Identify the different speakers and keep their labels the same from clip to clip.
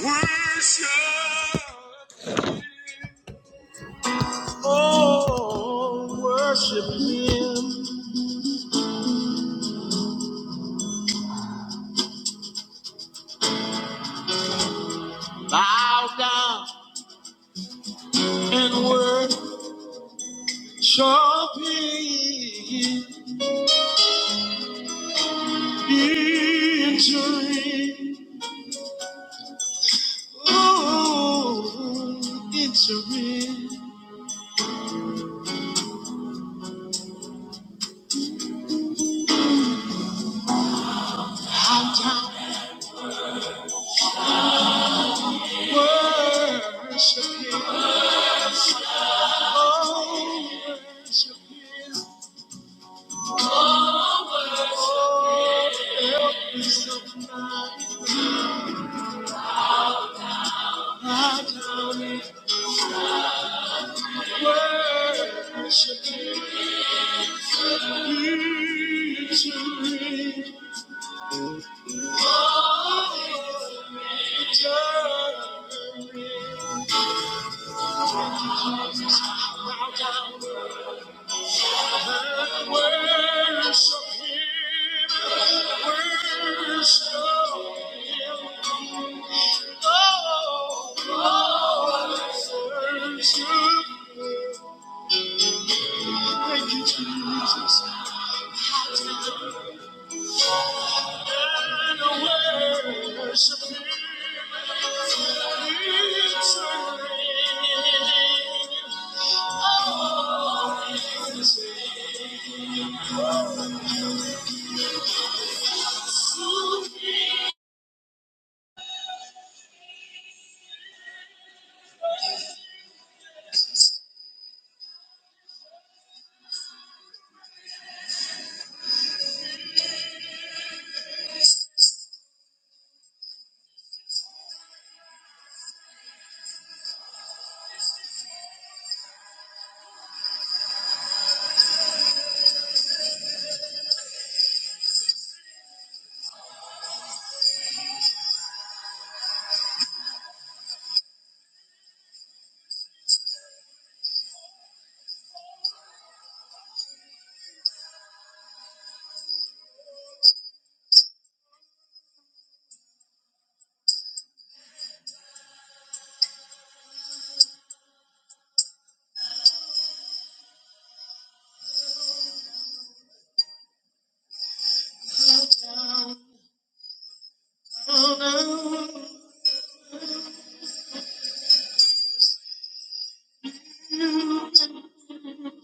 Speaker 1: Worship, oh, worship Him. Bow down and worship Him. Entering, oh, entering. Bow down and worship Him. Oh, worship Him. Bow down and worship him. Thank you, Jesus. And I worship him. It's a down, down, down,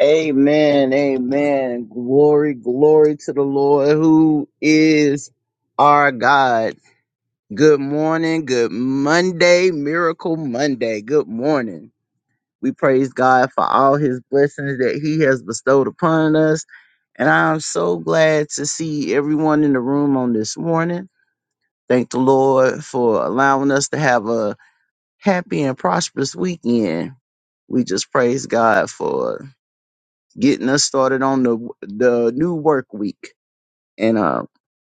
Speaker 1: Amen. Amen. Glory, glory to the Lord who is our God. Good morning. Good Monday. Miracle Monday. Good morning. We praise God for all his blessings that he has bestowed upon us. And I'm so glad to see everyone in the room on this morning. Thank the Lord for allowing us to have a happy and prosperous weekend. We just praise God for getting us started on the the new work week. And uh,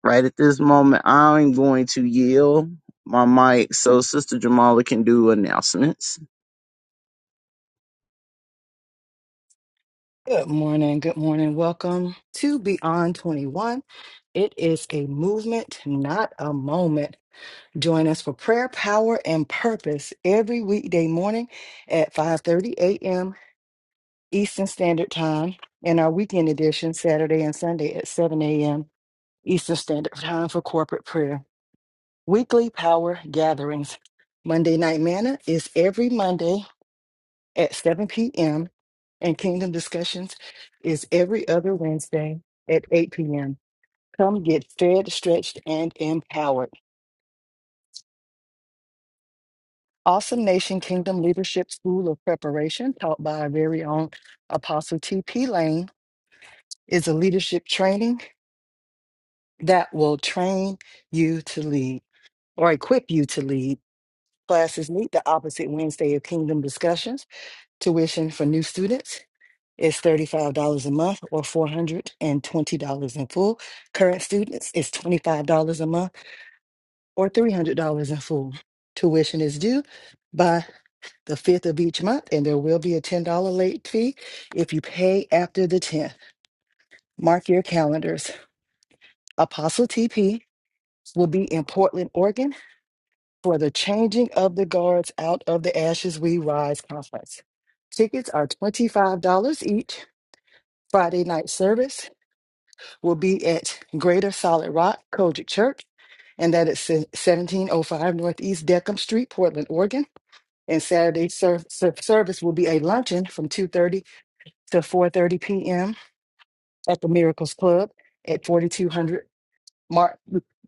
Speaker 1: right at this moment, I'm going to yield my mic so Sister Jamala can do announcements.
Speaker 2: Good morning. Good morning. Welcome to Beyond 21. It is a movement, not a moment. Join us for prayer, power, and purpose every weekday morning at 5:30 a.m. Eastern Standard Time and our weekend edition Saturday and Sunday at 7 a.m. Eastern Standard Time for corporate prayer. Weekly power gatherings. Monday Night Manna is every Monday at 7 p.m. And Kingdom Discussions is every other Wednesday at 8 p.m. Come get fed, stretched, and empowered. Awesome Nation Kingdom Leadership School of Preparation, taught by our very own Apostle T.P. Lane, is a leadership training that will train you to lead or equip you to lead. Classes meet the opposite Wednesday of Kingdom Discussions. Tuition for new students is $35 a month or $420 in full. Current students is $25 a month or $300 in full. Tuition is due by the 5th of each month, and there will be a $10 late fee if you pay after the 10th. Mark your calendars. Apostle TP will be in Portland, Oregon for the Changing of the Guards Out of the Ashes We Rise conference. Tickets are $25 each. Friday night service will be at Greater Solid Rock Kojic Church, and that is 1705 Northeast Deckham Street, Portland, Oregon. And Saturday ser- ser- service will be a luncheon from 2:30 to 4:30 p.m. at the Miracles Club at 4200 Mar-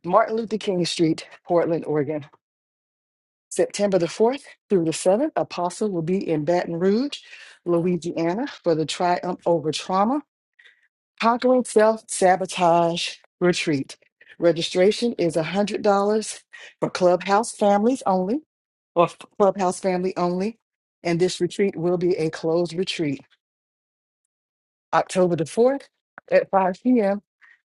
Speaker 2: Martin Luther King Street, Portland, Oregon. September the 4th through the 7th, Apostle will be in Baton Rouge, Louisiana for the Triumph Over Trauma Conquering Self Sabotage Retreat. Registration is $100 for Clubhouse families only, or f- Clubhouse family only. And this retreat will be a closed retreat October the 4th at 5 p.m.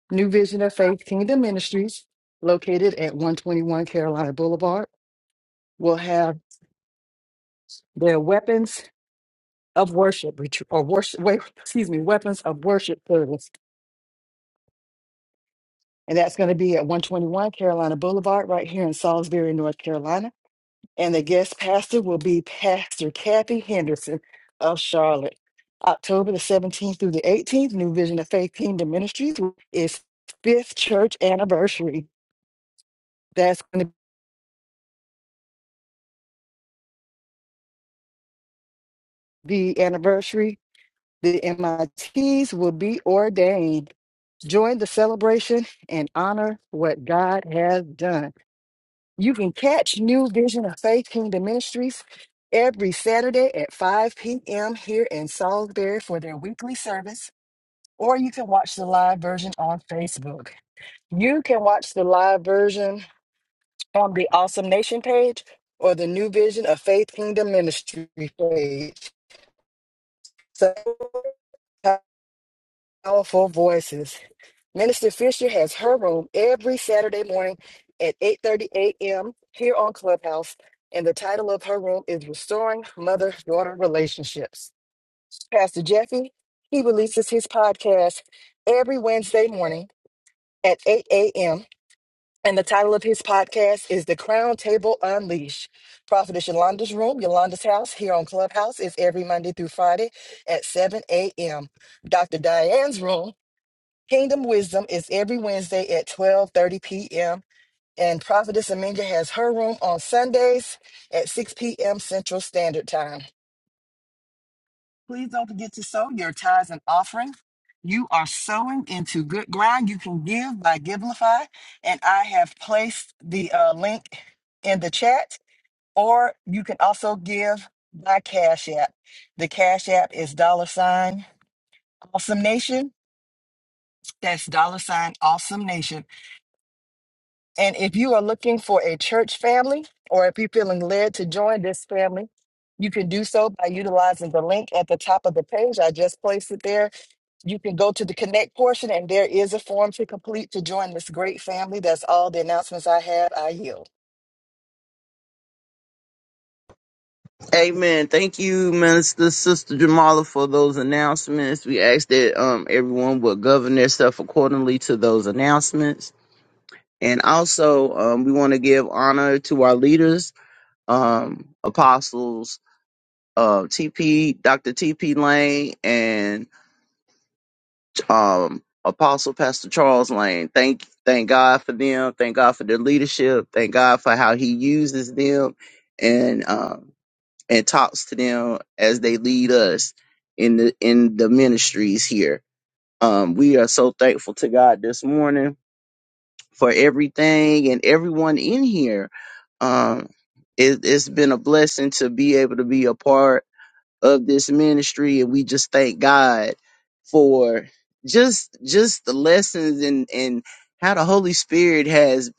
Speaker 2: New Vision of Faith Kingdom Ministries, located at 121 Carolina Boulevard, will have their weapons of worship retreat or worship, wait, excuse me, weapons of worship service And that's going to be at 121 Carolina Boulevard, right here in Salisbury, North Carolina. And the guest pastor will be Pastor Kathy Henderson of Charlotte. October the 17th through the 18th, New Vision of Faith Kingdom Ministries is fifth church anniversary. That's going to be anniversary. The MITs will be ordained. Join the celebration and honor what God has done. You can catch New Vision of Faith Kingdom Ministries every Saturday at 5 p.m. here in Salisbury for their weekly service, or you can watch the live version on Facebook. You can watch the live version on the Awesome Nation page or the New Vision of Faith Kingdom Ministry page. So powerful voices. Minister Fisher has her room every Saturday morning at 8:30 a.m. here on Clubhouse, and the title of her room is Restoring Mother-Daughter Relationships. Pastor Jeffy, he releases his podcast every Wednesday morning at 8 a.m. And the title of his podcast is The Crown Table Unleashed. Prophetess Yolanda's room, Yolanda's house here on Clubhouse is every Monday through Friday at 7 a.m. Dr. Diane's room Kingdom Wisdom is every Wednesday at 12:30 p.m. and Prophetess Aminga has her room on Sundays at 6 p.m. Central Standard Time. Please don't forget to sow your tithes and offering. You are sowing into good ground. You can give by Givelify, and I have placed the uh, link in the chat. Or you can also give by Cash App. The Cash App is dollar sign Awesome Nation. That's dollar sign Awesome Nation And if you are looking for a church family, or if you're feeling led to join this family, you can do so by utilizing the link at the top of the page. I just placed it there. You can go to the connect portion, and there is a form to complete to join this great family. That's all the announcements I have. I yield.
Speaker 1: Amen. Thank you, Minister Sister Jamala, for those announcements. We ask that um, everyone would govern themselves accordingly to those announcements. And also, um, we want to give honor to our leaders, um, apostles, uh, TP, Dr. TP Lane, and um, Apostle Pastor Charles Lane. Thank, thank God for them. Thank God for their leadership. Thank God for how He uses them, and um, and talks to them as they lead us in the in the ministries here. Um, we are so thankful to God this morning for everything and everyone in here. Um, it, it's been a blessing to be able to be a part of this ministry and we just thank God for just just the lessons and and how the Holy Spirit has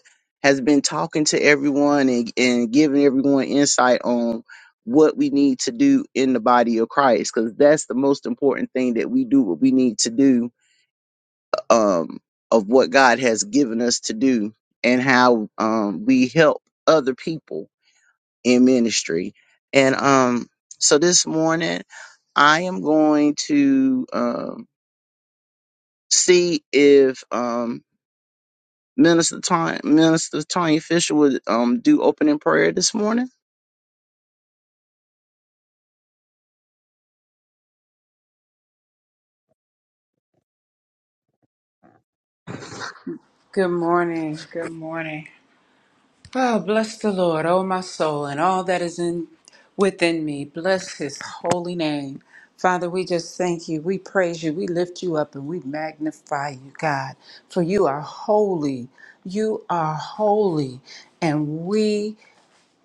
Speaker 1: has been talking to everyone and, and giving everyone insight on what we need to do in the body of Christ because that's the most important thing that we do what we need to do um of what God has given us to do and how um we help other people in ministry. And um, so this morning, I am going to um, see if um, Minister Tony, Minister Tony Fisher would um, do opening prayer this morning.
Speaker 3: Good morning. Good morning. Oh, bless the Lord, oh my soul, and all that is in within me. Bless his holy name. Father, we just thank you. We praise you. We lift you up and we magnify you, God. For you are holy. You are holy. And we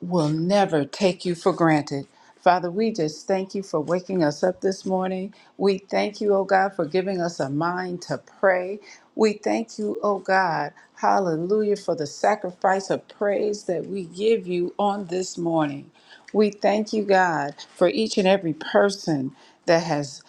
Speaker 3: will never take you for granted. Father, we just thank you for waking us up this morning. We thank you, oh God, for giving us a mind to pray. We thank you, oh God, hallelujah, for the sacrifice of praise that we give you on this morning. We thank you, God, for each and every person that has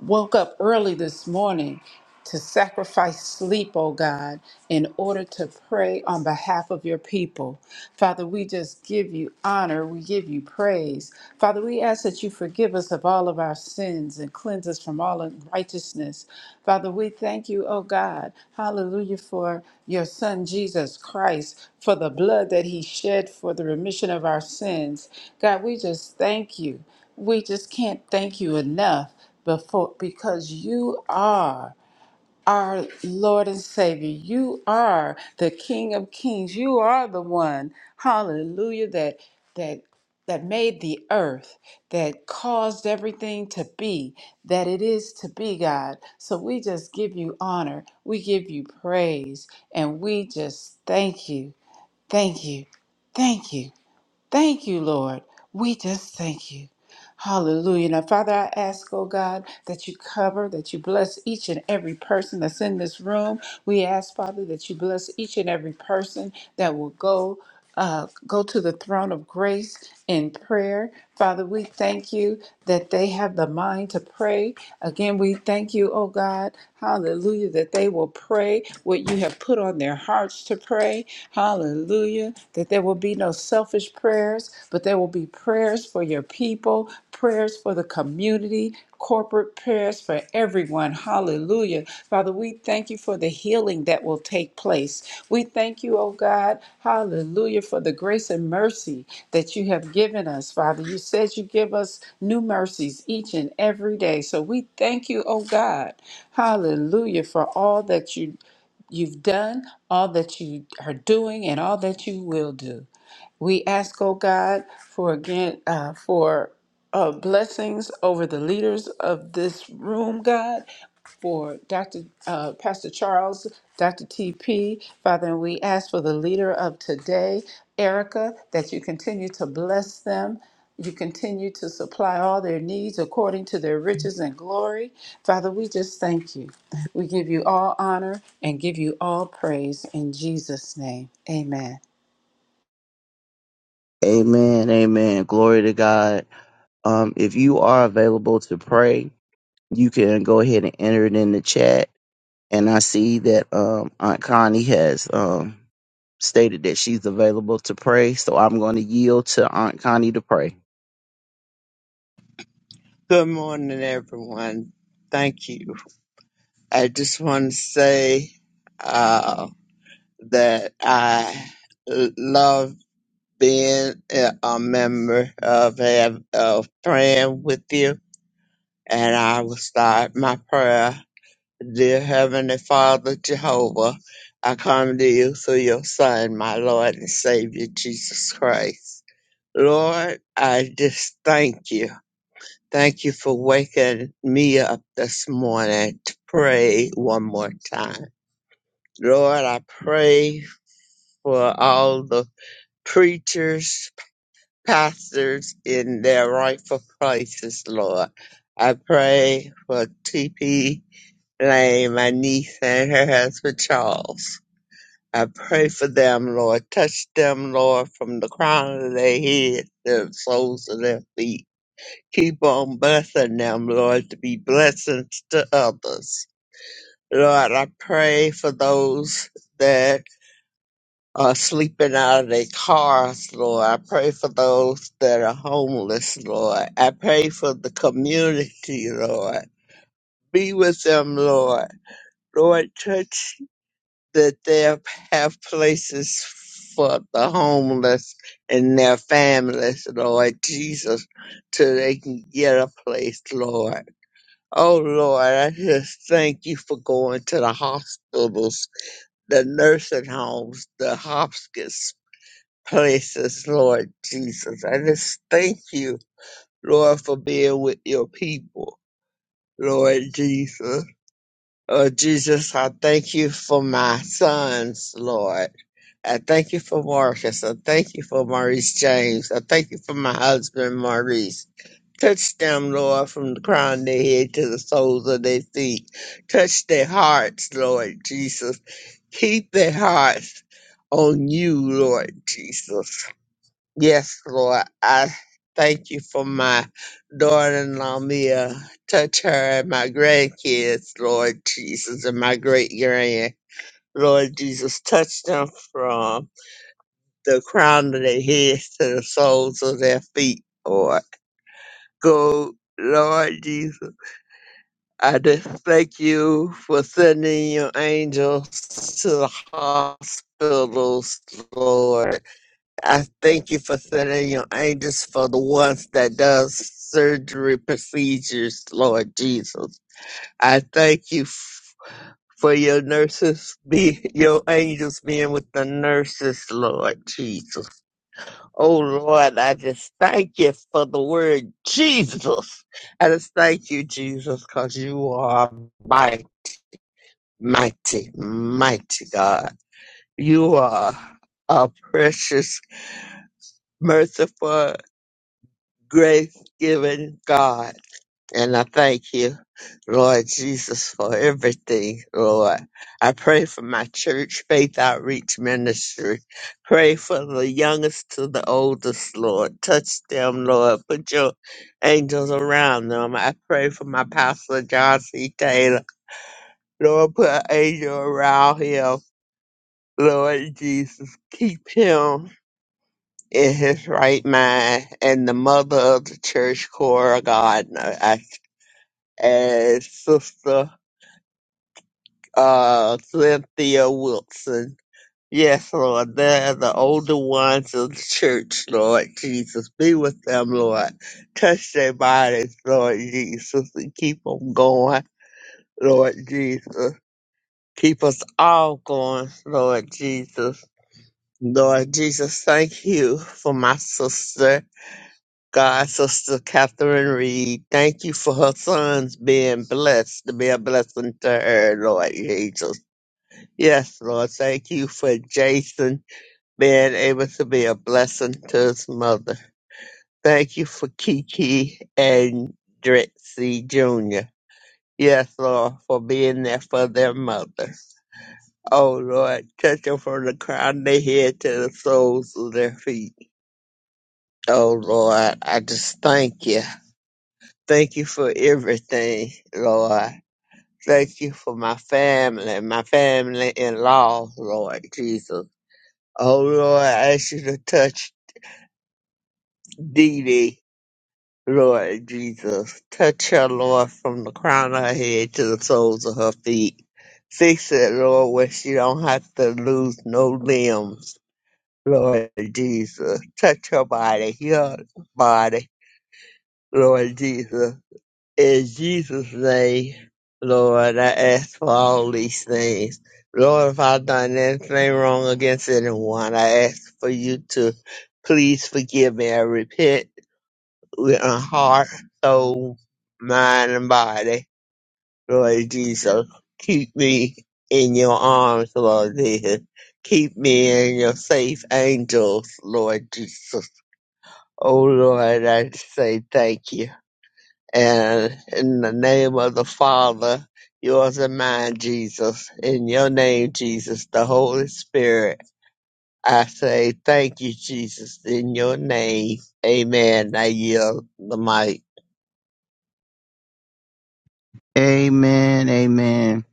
Speaker 3: woke up early this morning to sacrifice sleep, oh God, in order to pray on behalf of your people. Father, we just give you honor. We give you praise. Father, we ask that you forgive us of all of our sins and cleanse us from all unrighteousness. Father, we thank you, oh God, hallelujah, for your Son, Jesus Christ, for the blood that he shed for the remission of our sins. God, we just thank you. We just can't thank you enough before because you are our Lord and Savior. You are the King of Kings. You are the one, hallelujah, that that that made the earth, that caused everything to be that it is to be, God. So we just give you honor. We give you praise and we just thank you. Thank you. Thank you. Thank you, Lord. We just thank you. Hallelujah. Now, Father, I ask, oh God, that you cover, that you bless each and every person that's in this room. We ask, Father, that you bless each and every person that will go. Uh, go to the throne of grace in prayer. Father, we thank you that they have the mind to pray. Again, we thank you, oh God, hallelujah, that they will pray what you have put on their hearts to pray. Hallelujah. That there will be no selfish prayers, but there will be prayers for your people, prayers for the community, corporate prayers for everyone. Hallelujah. Father, we thank you for the healing that will take place. We thank you, oh God. Hallelujah. For the grace and mercy that you have given us, Father. You said you give us new mercies each and every day. So we thank you, oh God. Hallelujah. For all that you you've done, all that you are doing, and all that you will do. We ask, oh God, for again, uh, for uh, blessings over the leaders of this room, God, for Dr. Uh, Pastor Charles, Dr. TP, Father, and we ask for the leader of today, Erica, that you continue to bless them. You continue to supply all their needs according to their riches and glory. Father, we just thank you. We give you all honor and give you all praise in Jesus' name. Amen.
Speaker 1: Amen. Amen. Glory to God. Um, if you are available to pray, you can go ahead and enter it in the chat. And I see that um, Aunt Connie has um, stated that she's available to pray. So I'm going to yield to Aunt Connie to pray.
Speaker 4: Good morning, everyone. Thank you. I just want to say uh, that I l- love being a a member of, have- of praying with you. And I will start my prayer. Dear Heavenly Father Jehovah, I come to you through your Son, my Lord and Savior, Jesus Christ. Lord, I just thank you Thank you for waking me up this morning to pray one more time. Lord, I pray for all the preachers, pastors in their rightful places, Lord. I pray for T.P. Lane, my niece, and her husband, Charles. I pray for them, Lord. Touch them, Lord, from the crown of their head to the soles of their feet. Keep on blessing them, Lord, to be blessings to others. Lord, I pray for those that are sleeping out of their cars, Lord. I pray for those that are homeless, Lord. I pray for the community, Lord. Be with them, Lord. Lord, touch that they have places for the homeless and their families, Lord Jesus, till they can get a place, Lord. Oh Lord, I just thank you for going to the hospitals, the nursing homes, the hospice places, Lord Jesus. I just thank you, Lord, for being with your people, Lord Jesus. Oh Jesus, I thank you for my sons, Lord. I thank you for Marcus. I thank you for Maurice James. I thank you for my husband, Maurice. Touch them, Lord, from the crown of their head to the soles of their feet. Touch their hearts, Lord Jesus. Keep their hearts on you, Lord Jesus. Yes, Lord, I thank you for my daughter-in-law, Mia. Touch her and my grandkids, Lord Jesus, and my great-grand. Lord Jesus, touch them from the crown of their heads to the soles of their feet, Lord. Go, Lord Jesus I just thank you for sending your angels to the hospitals, Lord. I thank you for sending your angels for the ones that does surgery procedures, Lord Jesus. I thank you f- for your nurses, be your angels being with the nurses, Lord Jesus. Oh Lord, I just thank you for the word Jesus. I just thank you, Jesus, because you are mighty mighty, mighty God. You are a precious, merciful, grace giving God. And I thank you, Lord Jesus, for everything, Lord. I pray for my church, Faith Outreach Ministry. Pray for the youngest to the oldest, Lord. Touch them, Lord. Put your angels around them. I pray for my pastor, John C. Taylor. Lord, put an angel around him. Lord Jesus, keep him in his right mind and the mother of the church, Cora Gardner, I- and Sister uh, Cynthia Wilson. Yes, Lord, they're the older ones of the church, Lord Jesus. Be with them, Lord. Touch their bodies, Lord Jesus, and keep them going, Lord Jesus. Keep us all going, Lord Jesus Lord Jesus, thank you for my sister, God, Sister Catherine Reed. Thank you for her sons being blessed, to be a blessing to her, Lord Jesus. Yes, Lord, thank you for Jason being able to be a blessing to his mother. Thank you for Kiki and Dritzy Jr. Yes, Lord, for being there for their mother. Oh, Lord, touch them from the crown of their head to the soles of their feet. Oh Lord, I just thank you. Thank you for everything, Lord. Thank you for my family, my family in law, Lord Jesus. Oh Lord, I ask you to touch Dee Dee, Lord Jesus. Touch her, Lord, from the crown of her head to the soles of her feet. Fix it, Lord, where she don't have to lose no limbs, Lord Jesus. Touch her body, heal her body, Lord Jesus. In Jesus' name, Lord, I ask for all these things. Lord, if I've done anything wrong against anyone, I ask for you to please forgive me. I repent with my heart, soul, mind, and body. Lord Jesus, keep me in your arms, Lord Jesus. Keep me in your safe angels, Lord Jesus. Oh Lord, I say thank you. And in the name of the Father, yours and mine, Jesus, in your name, Jesus, the Holy Spirit, I say thank you, Jesus, in your name. Amen. I yield the mic.
Speaker 1: Amen. Amen.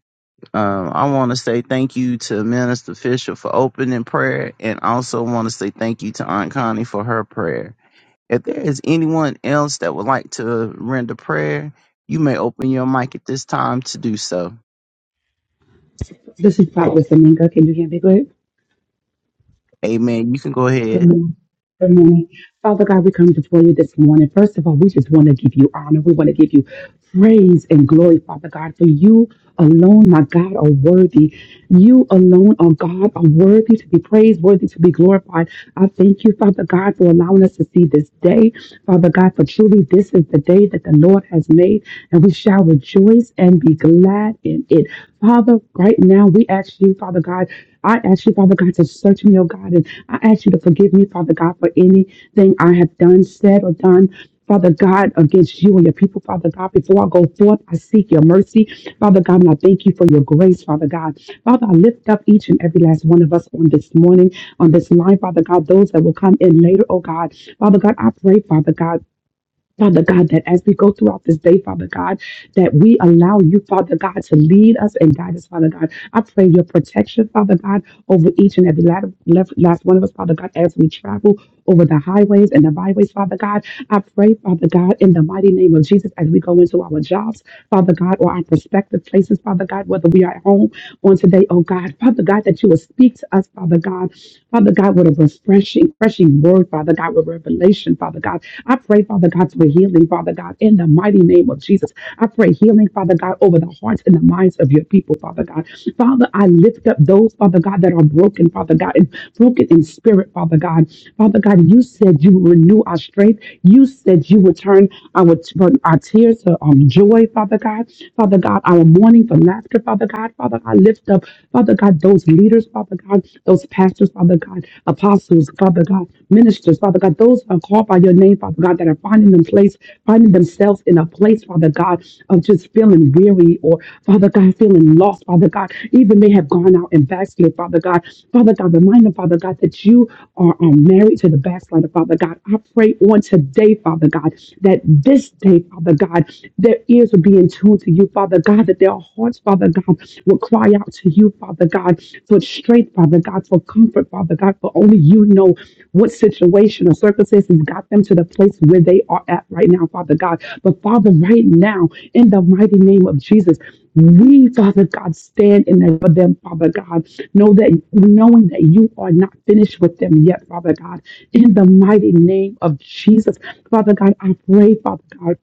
Speaker 1: Um, I want to say thank you to Minister Fisher for opening prayer, and also want to say thank you to Aunt Connie for her prayer. If there is anyone else that would like to render prayer, you may open your mic at this time to do so.
Speaker 5: This is Prophet Domingo. Can you hear me good?
Speaker 1: Amen. You can go
Speaker 5: Good
Speaker 1: ahead.
Speaker 5: morning. Good morning. Father God, we come before you this morning. First of all, we just want to give you honor. We want to give you praise and glory, Father God, for you alone, my God, are worthy. You alone, oh God, are worthy to be praised, worthy to be glorified. I thank you, Father God, for allowing us to see this day. Father God, for truly this is the day that the Lord has made, and we shall rejoice and be glad in it. Father, right now we ask you, Father God, I ask you, Father God, to search me, oh God, and I ask you to forgive me, Father God, for anything I have done, said, or done. Father God, against you and your people, Father God, before I go forth, I seek your mercy. Father God, and I thank you for your grace, Father God. Father, I lift up each and every last one of us on this morning, on this line, Father God, those that will come in later, oh God. Father God, I pray, Father God. Father God, that as we go throughout this day, Father God, that we allow you, Father God, to lead us and guide us, Father God. I pray your protection, Father God, over each and every la- left- last one of us, Father God, as we travel over the highways and the byways, Father God. I pray, Father God, in the mighty name of Jesus, as we go into our jobs, Father God, or our prospective places, Father God, whether we are at home on today, oh God, Father God, that you will speak to us, Father God, Father God, with a refreshing, refreshing word, Father God, with revelation, Father God. I pray, Father God, for healing, Father God, in the mighty name of Jesus. I pray healing, Father God, over the hearts and the minds of your people, Father God. Father, I lift up those, Father God, that are broken, Father God, and broken in spirit, Father God. Father God, you said you would renew our strength. You said you would turn our, turn our tears to um, joy, Father God. Father God, our mourning for laughter, Father God. Father, I lift up, Father God, those leaders, Father God, those pastors, Father God, apostles, Father God, ministers, Father God, those who are called by your name, Father God, that are finding them place, finding themselves in a place, Father God, of just feeling weary or Father God, feeling and lost, Father God. Even they have gone out and backslid, Father God. Father God, remind them, Father God, that you are um, married to the backslider, Father God. I pray on today, Father God, that this day, Father God, their ears will be in tune to you, Father God, that their hearts, Father God, will cry out to you, Father God, for strength, Father God, for comfort, Father God, for only you know what situation or circumstances got them to the place where they are at right now, Father God. But Father, right now, in the mighty name of Jesus. We, Father God, stand in there for them, Father God. Know that knowing that you are not finished with them yet, Father God. In the mighty name of Jesus, Father God, I pray, Father God,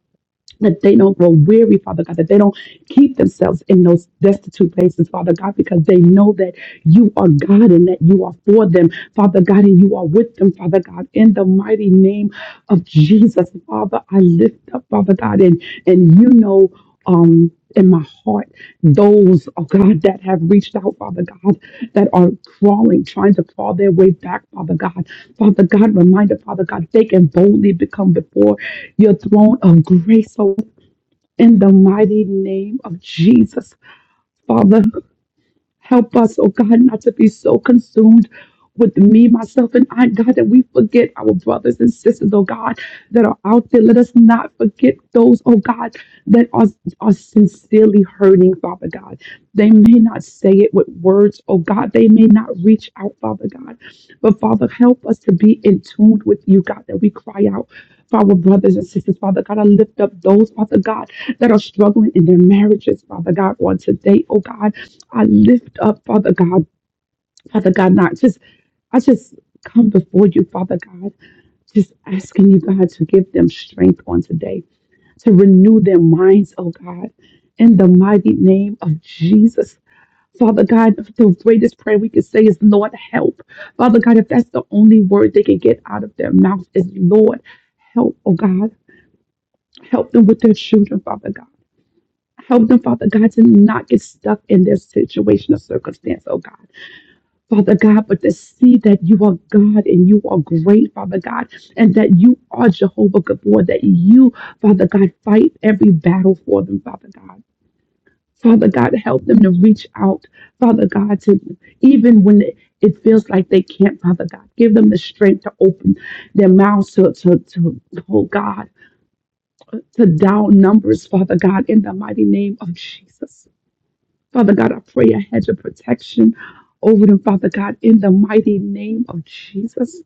Speaker 5: that they don't grow weary, Father God, that they don't keep themselves in those destitute places, Father God, because they know that you are God and that you are for them, Father God, and you are with them, Father God. In the mighty name of Jesus, Father, I lift up, Father God, and and you know, um, in my heart those, oh God, that have reached out, Father God, that are crawling, trying to crawl their way back, Father God. Father God, reminder, Father God, they can boldly become before your throne of grace. So in the mighty name of Jesus, Father. Help us, oh God, not to be so consumed with me, myself, and I, God, that we forget our brothers and sisters, oh God, that are out there. Let us not forget those, oh God, that are, are sincerely hurting, Father God. They may not say it with words, oh God. They may not reach out, Father God. But Father, help us to be in tune with you, God, that we cry out for our brothers and sisters, Father God. I lift up those, Father God, that are struggling in their marriages, Father God, on today, oh God. I lift up, Father God, Father God, not just, I just come before you, Father God, just asking you, God, to give them strength on today, to renew their minds, oh God, in the mighty name of Jesus. Father God, the greatest prayer we can say is, Lord, help. Father God, if that's the only word they can get out of their mouth is, Lord, help, oh God. Help them with their children, Father God. Help them, Father God, to not get stuck in their situation or circumstance, oh God. Father God, but to see that you are God and you are great, Father God, and that you are Jehovah Gabor, that you, Father God, fight every battle for them, Father God. Father God, help them to reach out, Father God, to even when it, it feels like they can't, Father God, give them the strength to open their mouths to, to, to oh God, to down numbers, Father God, in the mighty name of Jesus. Father God, I pray a hedge of protection over them, Father God, in the mighty name of Jesus.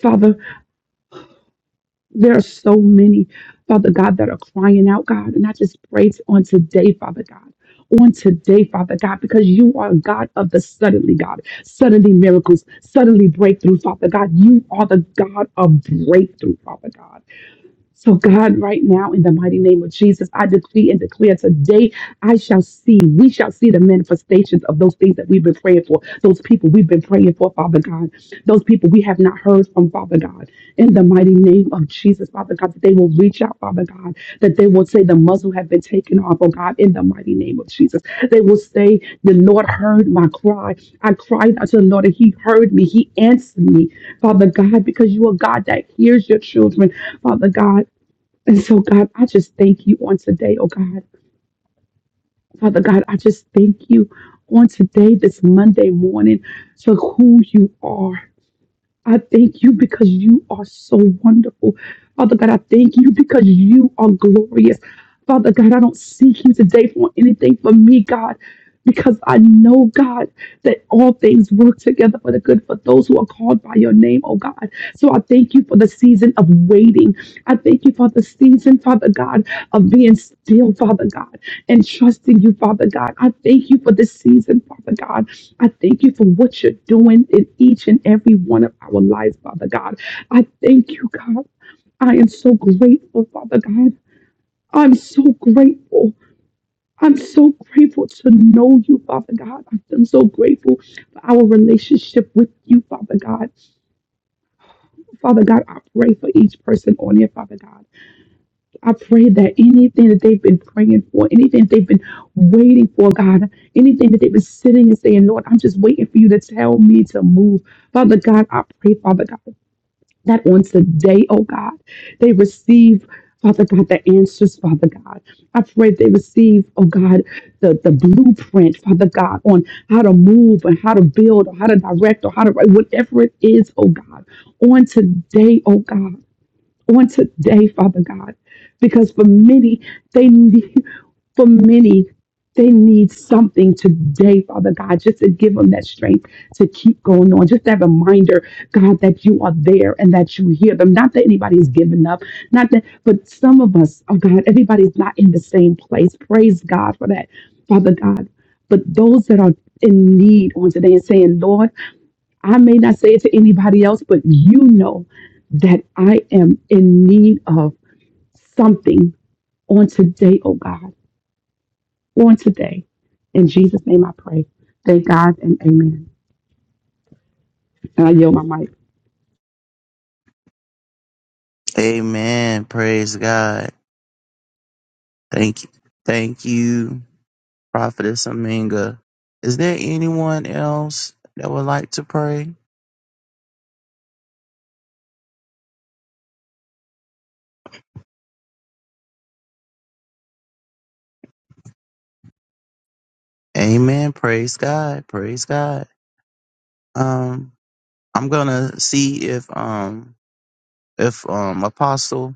Speaker 5: Father, there are so many, Father God, that are crying out, God. And I just pray on today, Father God. On today, Father God, because you are God of the suddenly, God. Suddenly miracles, suddenly breakthrough, Father God. You are the God of breakthrough, Father God. So, God, right now, in the mighty name of Jesus, I decree and declare today, I shall see, we shall see the manifestations of those things that we've been praying for, those people we've been praying for, Father God, those people we have not heard from, Father God, in the mighty name of Jesus, Father God, that they will reach out, Father God, that they will say the muzzle has been taken off, oh God, in the mighty name of Jesus. They will say, The Lord heard my cry. I cried out to the Lord, and He heard me, He answered me, Father God, because you are God that hears your children, Father God. And so, God, I just thank you on today, oh God. Father God, I just thank you on today, this Monday morning, for who you are. I thank you because you are so wonderful. Father God, I thank you because you are glorious. Father God, I don't seek you today for anything for me, God, because I know, God, that all things work together for the good for those who are called by your name, oh God. So I thank you for the season of waiting. I thank you for the season, Father God, of being still, Father God, and trusting you, Father God. I thank you for this season, Father God. I thank you for what you're doing in each and every one of our lives, Father God. I thank you, God. I am so grateful, Father God. I'm so grateful. I'm so grateful to know you, Father God. I'm so grateful for our relationship with you, Father God. Father God, I pray for each person on here, Father God. I pray that anything that they've been praying for, anything that they've been waiting for, God, anything that they've been sitting and saying, Lord, I'm just waiting for you to tell me to move. Father God, I pray, Father God, that on today, oh God, they receive. Father God, the answers, Father God. I pray they receive, oh God, the, the blueprint, Father God, on how to move and how to build or how to direct or how to write, whatever it is, oh God. On today, oh God on today, Father God, because for many, they need, for many, they need something today, Father God, just to give them that strength to keep going on. Just that reminder, God, that you are there and that you hear them. Not that anybody's giving up, not that, but some of us, oh God, everybody's not in the same place. Praise God for that, Father God. But those that are in need on today and saying, Lord, I may not say it to anybody else, but you know that I am in need of something on today, oh God, on today. In Jesus' name I pray. Thank God and amen. And I yield my mic.
Speaker 1: Amen. Praise God. Thank you. Thank you, Prophetess Aminga. Is there anyone else that would like to pray? Amen. Praise God. Praise God. Um, I'm gonna see if um if um Apostle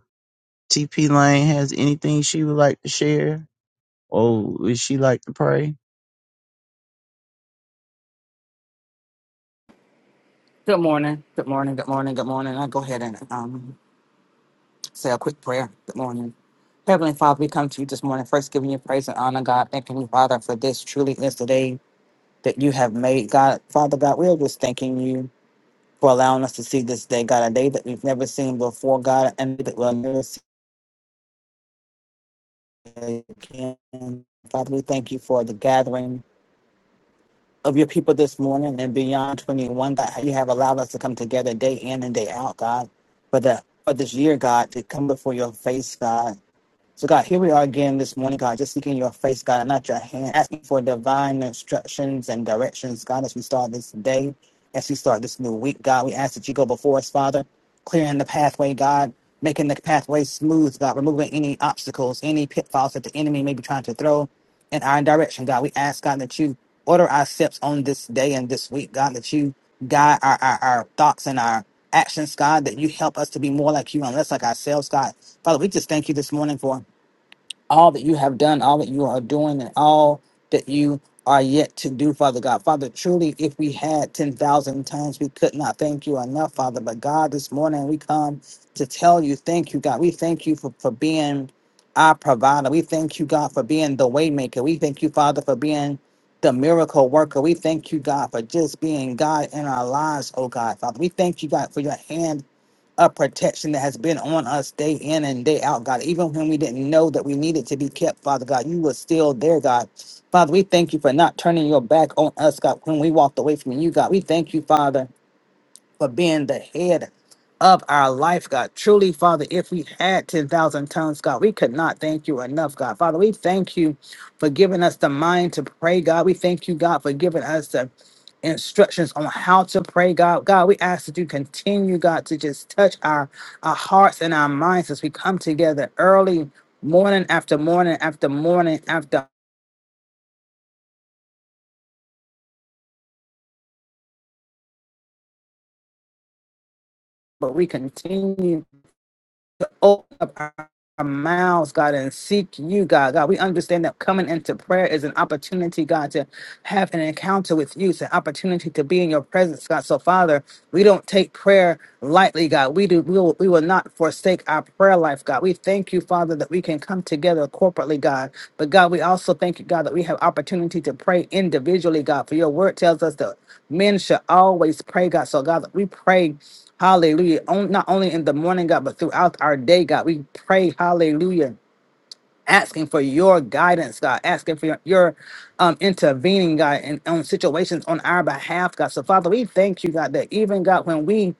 Speaker 1: TP Lane has anything she would like to share, or would she like to pray?
Speaker 6: Good morning. Good morning. Good morning. Good morning. I'll go ahead and um, say a quick prayer. Good morning. Heavenly Father, we come to you this morning, first giving you praise and honor, God. Thanking you, Father, for this truly is the day that you have made, God. Father, God, we are just thanking you for allowing us to see this day, God, a day that we've never seen before, God, and that we'll never see again. Father, we thank you for the gathering of your people this morning and beyond 21 that you have allowed us to come together day in and day out, God, for the for this year, God, to come before your face, God. So, God, here we are again this morning, God, just seeking your face, God, and not your hand, asking for divine instructions and directions, God, as we start this day, as we start this new week, God. We ask that you go before us, Father, clearing the pathway, God, making the pathway smooth, God, removing any obstacles, any pitfalls that the enemy may be trying to throw in our direction, God. We ask, God, that you order our steps on this day and this week, God, that you guide our, our, our thoughts and our actions, God, that you help us to be more like you and less like ourselves, God. Father, we just thank you this morning for all that you have done, all that you are doing, and all that you are yet to do, Father God. Father, truly, if we had 10,000 tongues, we could not thank you enough, Father. But God, this morning we come to tell you, thank you, God. We thank you for, for being our provider. We thank you, God, for being the waymaker. We thank you, Father, for being the miracle worker. We thank you, God, for just being God in our lives, oh God, Father. We thank you, God, for your hand a protection that has been on us day in and day out, God. Even when we didn't know that we needed to be kept, Father God, you were still there, God. Father, we thank you for not turning your back on us, God, when we walked away from you, God. We thank you, Father, for being the head of our life, God. Truly, Father, if we had 10,000 tongues, God, we could not thank you enough, God. Father, we thank you for giving us the mind to pray, God. We thank you, God, for giving us the instructions on how to pray, God. God, we ask that you continue, God, to just touch our, our hearts and our minds as we come together early, morning after morning after morning after. But we continue to open up our, our mouths, God, and seek you, God. God, we understand that coming into prayer is an opportunity, God, have an encounter with you. It's an opportunity to be in your presence, God. So, Father, we don't take prayer lightly, God. We do. We will, we will not forsake our prayer life, God. We thank you, Father, that we can come together corporately, God. But God, we also thank you, God, that we have opportunity to pray individually, God. For your word tells us that men should always pray, God. So, God, that we pray. Hallelujah. On, not only in the morning, God, but throughout our day, God. We pray, hallelujah asking for your guidance, God, asking for your, your um, intervening, God, in, on situations on our behalf, God. So, Father, we thank you, God, that even, God, when we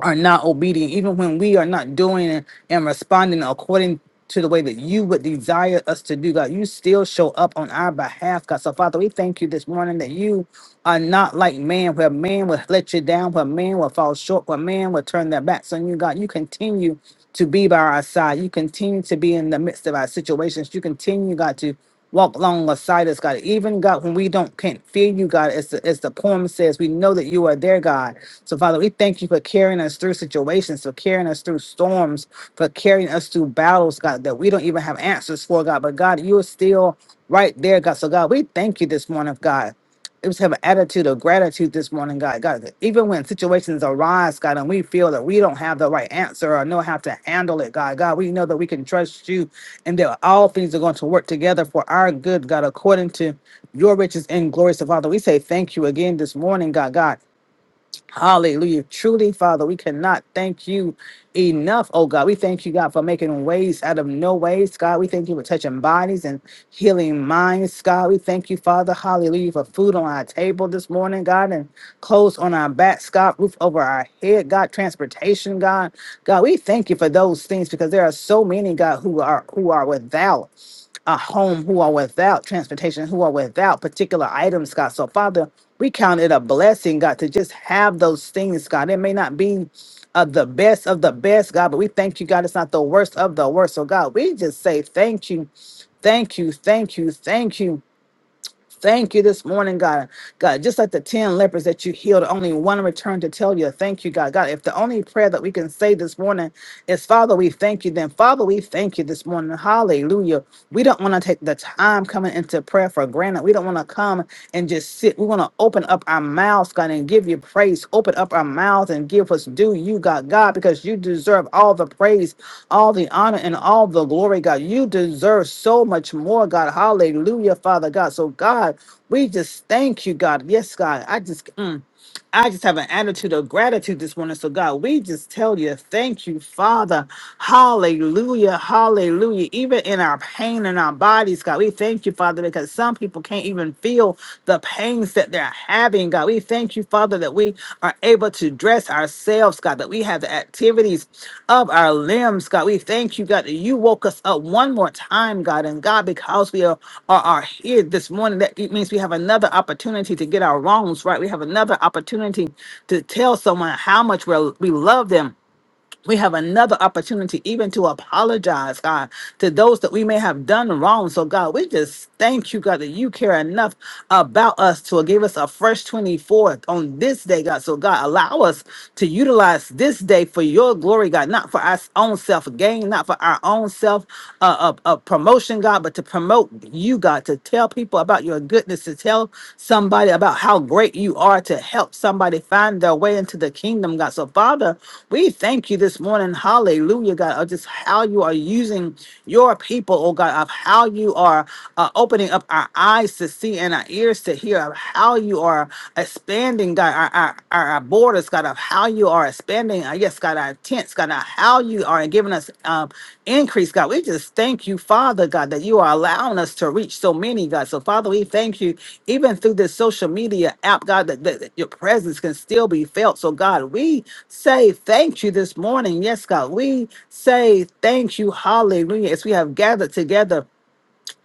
Speaker 6: are not obedient, even when we are not doing and, and responding according to the way that you would desire us to do, God, you still show up on our behalf, God. So, Father, we thank you this morning that you are not like man, where man will let you down, where man will fall short, where man will turn their backs on you, God. You continue to be by our side. You continue to be in the midst of our situations. You continue, God, to walk along beside us, God. Even God, when we don't can't feel you, God, as the, as the poem says, we know that you are there, God. So, Father, we thank you for carrying us through situations, for carrying us through storms, for carrying us through battles, God, that we don't even have answers for, God. But, God, you are still right there, God. So, God, we thank you this morning, God. Let's have an attitude of gratitude this morning, God. God, that even when situations arise, God, and we feel that we don't have the right answer or know how to handle it, God, God, we know that we can trust you and that all things are going to work together for our good, God, according to your riches and glory. So, Father, we say thank you again this morning, God, God. Hallelujah. Truly, Father, we cannot thank you enough, oh God. We thank you, God, for making ways out of no ways, God. We thank you for touching bodies and healing minds, God. We thank you, Father, hallelujah, for food on our table this morning, God, and clothes on our backs, God, roof over our head, God, transportation, God. God, we thank you for those things because there are so many, God, who are who are without a home who are without transportation, who are without particular items, God. So, Father, we count it a blessing, God, to just have those things, God. It may not be of the best of the best, God, but we thank you, God. It's not the worst of the worst. So, God, we just say thank you, thank you, thank you, thank you. Thank you this morning, God. God, just like the 10 lepers that you healed, only one returned to tell you, thank you, God. God, if the only prayer that we can say this morning is, Father, we thank you, then Father, we thank you this morning. Hallelujah. We don't want to take the time coming into prayer for granted. We don't want to come and just sit. We want to open up our mouths, God, and give you praise. Open up our mouths and give us due you, God, God, because you deserve all the praise all the honor and all the glory, God. You deserve so much more, God. Hallelujah, Father God. So, God, we just thank you, God. Yes, God. I just. mm, I just have an attitude of gratitude this morning. So, God, we just tell you, thank you, Father. Hallelujah. Hallelujah. Even in our pain in our bodies, God, we thank you, Father, because some people can't even feel the pains that they're having, God. We thank you, Father, that we are able to dress express ourselves, God, that we have the activities of our limbs, God. We thank you, God, that you woke us up one more time, God. And God, because we are, are, are here this morning, that it means we have another opportunity to get our wrongs right. We have another opportunity to tell someone how much we're, we love them we have another opportunity even to apologize, God, to those that we may have done wrong. So, God, we just thank you, God, that you care enough about us to give us a fresh 24th on this day, God. So, God, allow us to utilize this day for your glory, God, not for our own self gain, not for our own self uh, uh, uh, promotion, God, but to promote you, God, to. Tell people about your goodness. To tell somebody about how great you are to help somebody find their way into the kingdom, God. So, Father, we thank you this morning. Hallelujah, God. Of just how you are using your people, oh God, of how you are uh, opening up our eyes to see and our ears to hear, of how you are expanding, God, our, our, our our borders, God, of how you you are expanding, uh, yes, God, our tents, God, uh, how you are giving us um, increase, God. We just thank you, Father, God, that you are allowing us to reach so many, God. So, Father, we thank you, even through this social media app, God, that, that that your presence can still be felt. So, God, we say thank you this morning. Yes, God, we say thank you, hallelujah, as we have gathered together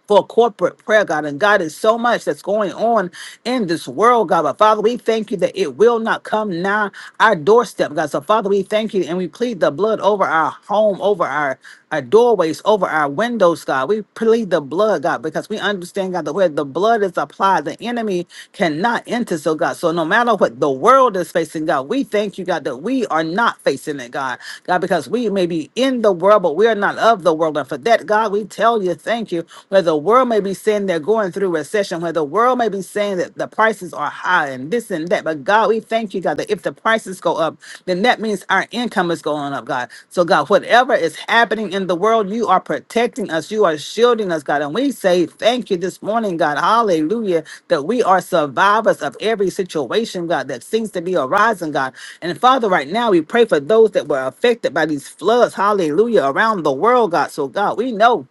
Speaker 6: for corporate prayer, God. And God is so much that's going on in this world, God. But Father, we thank you that it will not come now our doorstep, God. So Father, we thank you and we plead the blood over our home, over our our doorways, over our windows, God. We plead the blood, God, because we understand, God, that where the blood is applied, the enemy cannot enter. So, God, so no matter what the world is facing, God, we thank you, God, that we are not facing it, God. God, because we may be in the world, but we are not of the world. And for that, God, we tell you, thank. Thank you. Where the world may be saying they're going through recession, where the world may be saying that the prices are high and this and that. But God, we thank you, God, that if the prices go up, then that means our income is going up, God. So, God, whatever is happening in the world, you are protecting us, you are shielding us, God. And we say thank you this morning, God. Hallelujah, that we are survivors of every situation, God, that seems to be arising, God. And Father, right now we pray for those that were affected by these floods, hallelujah, around the world, God. So, God, we know.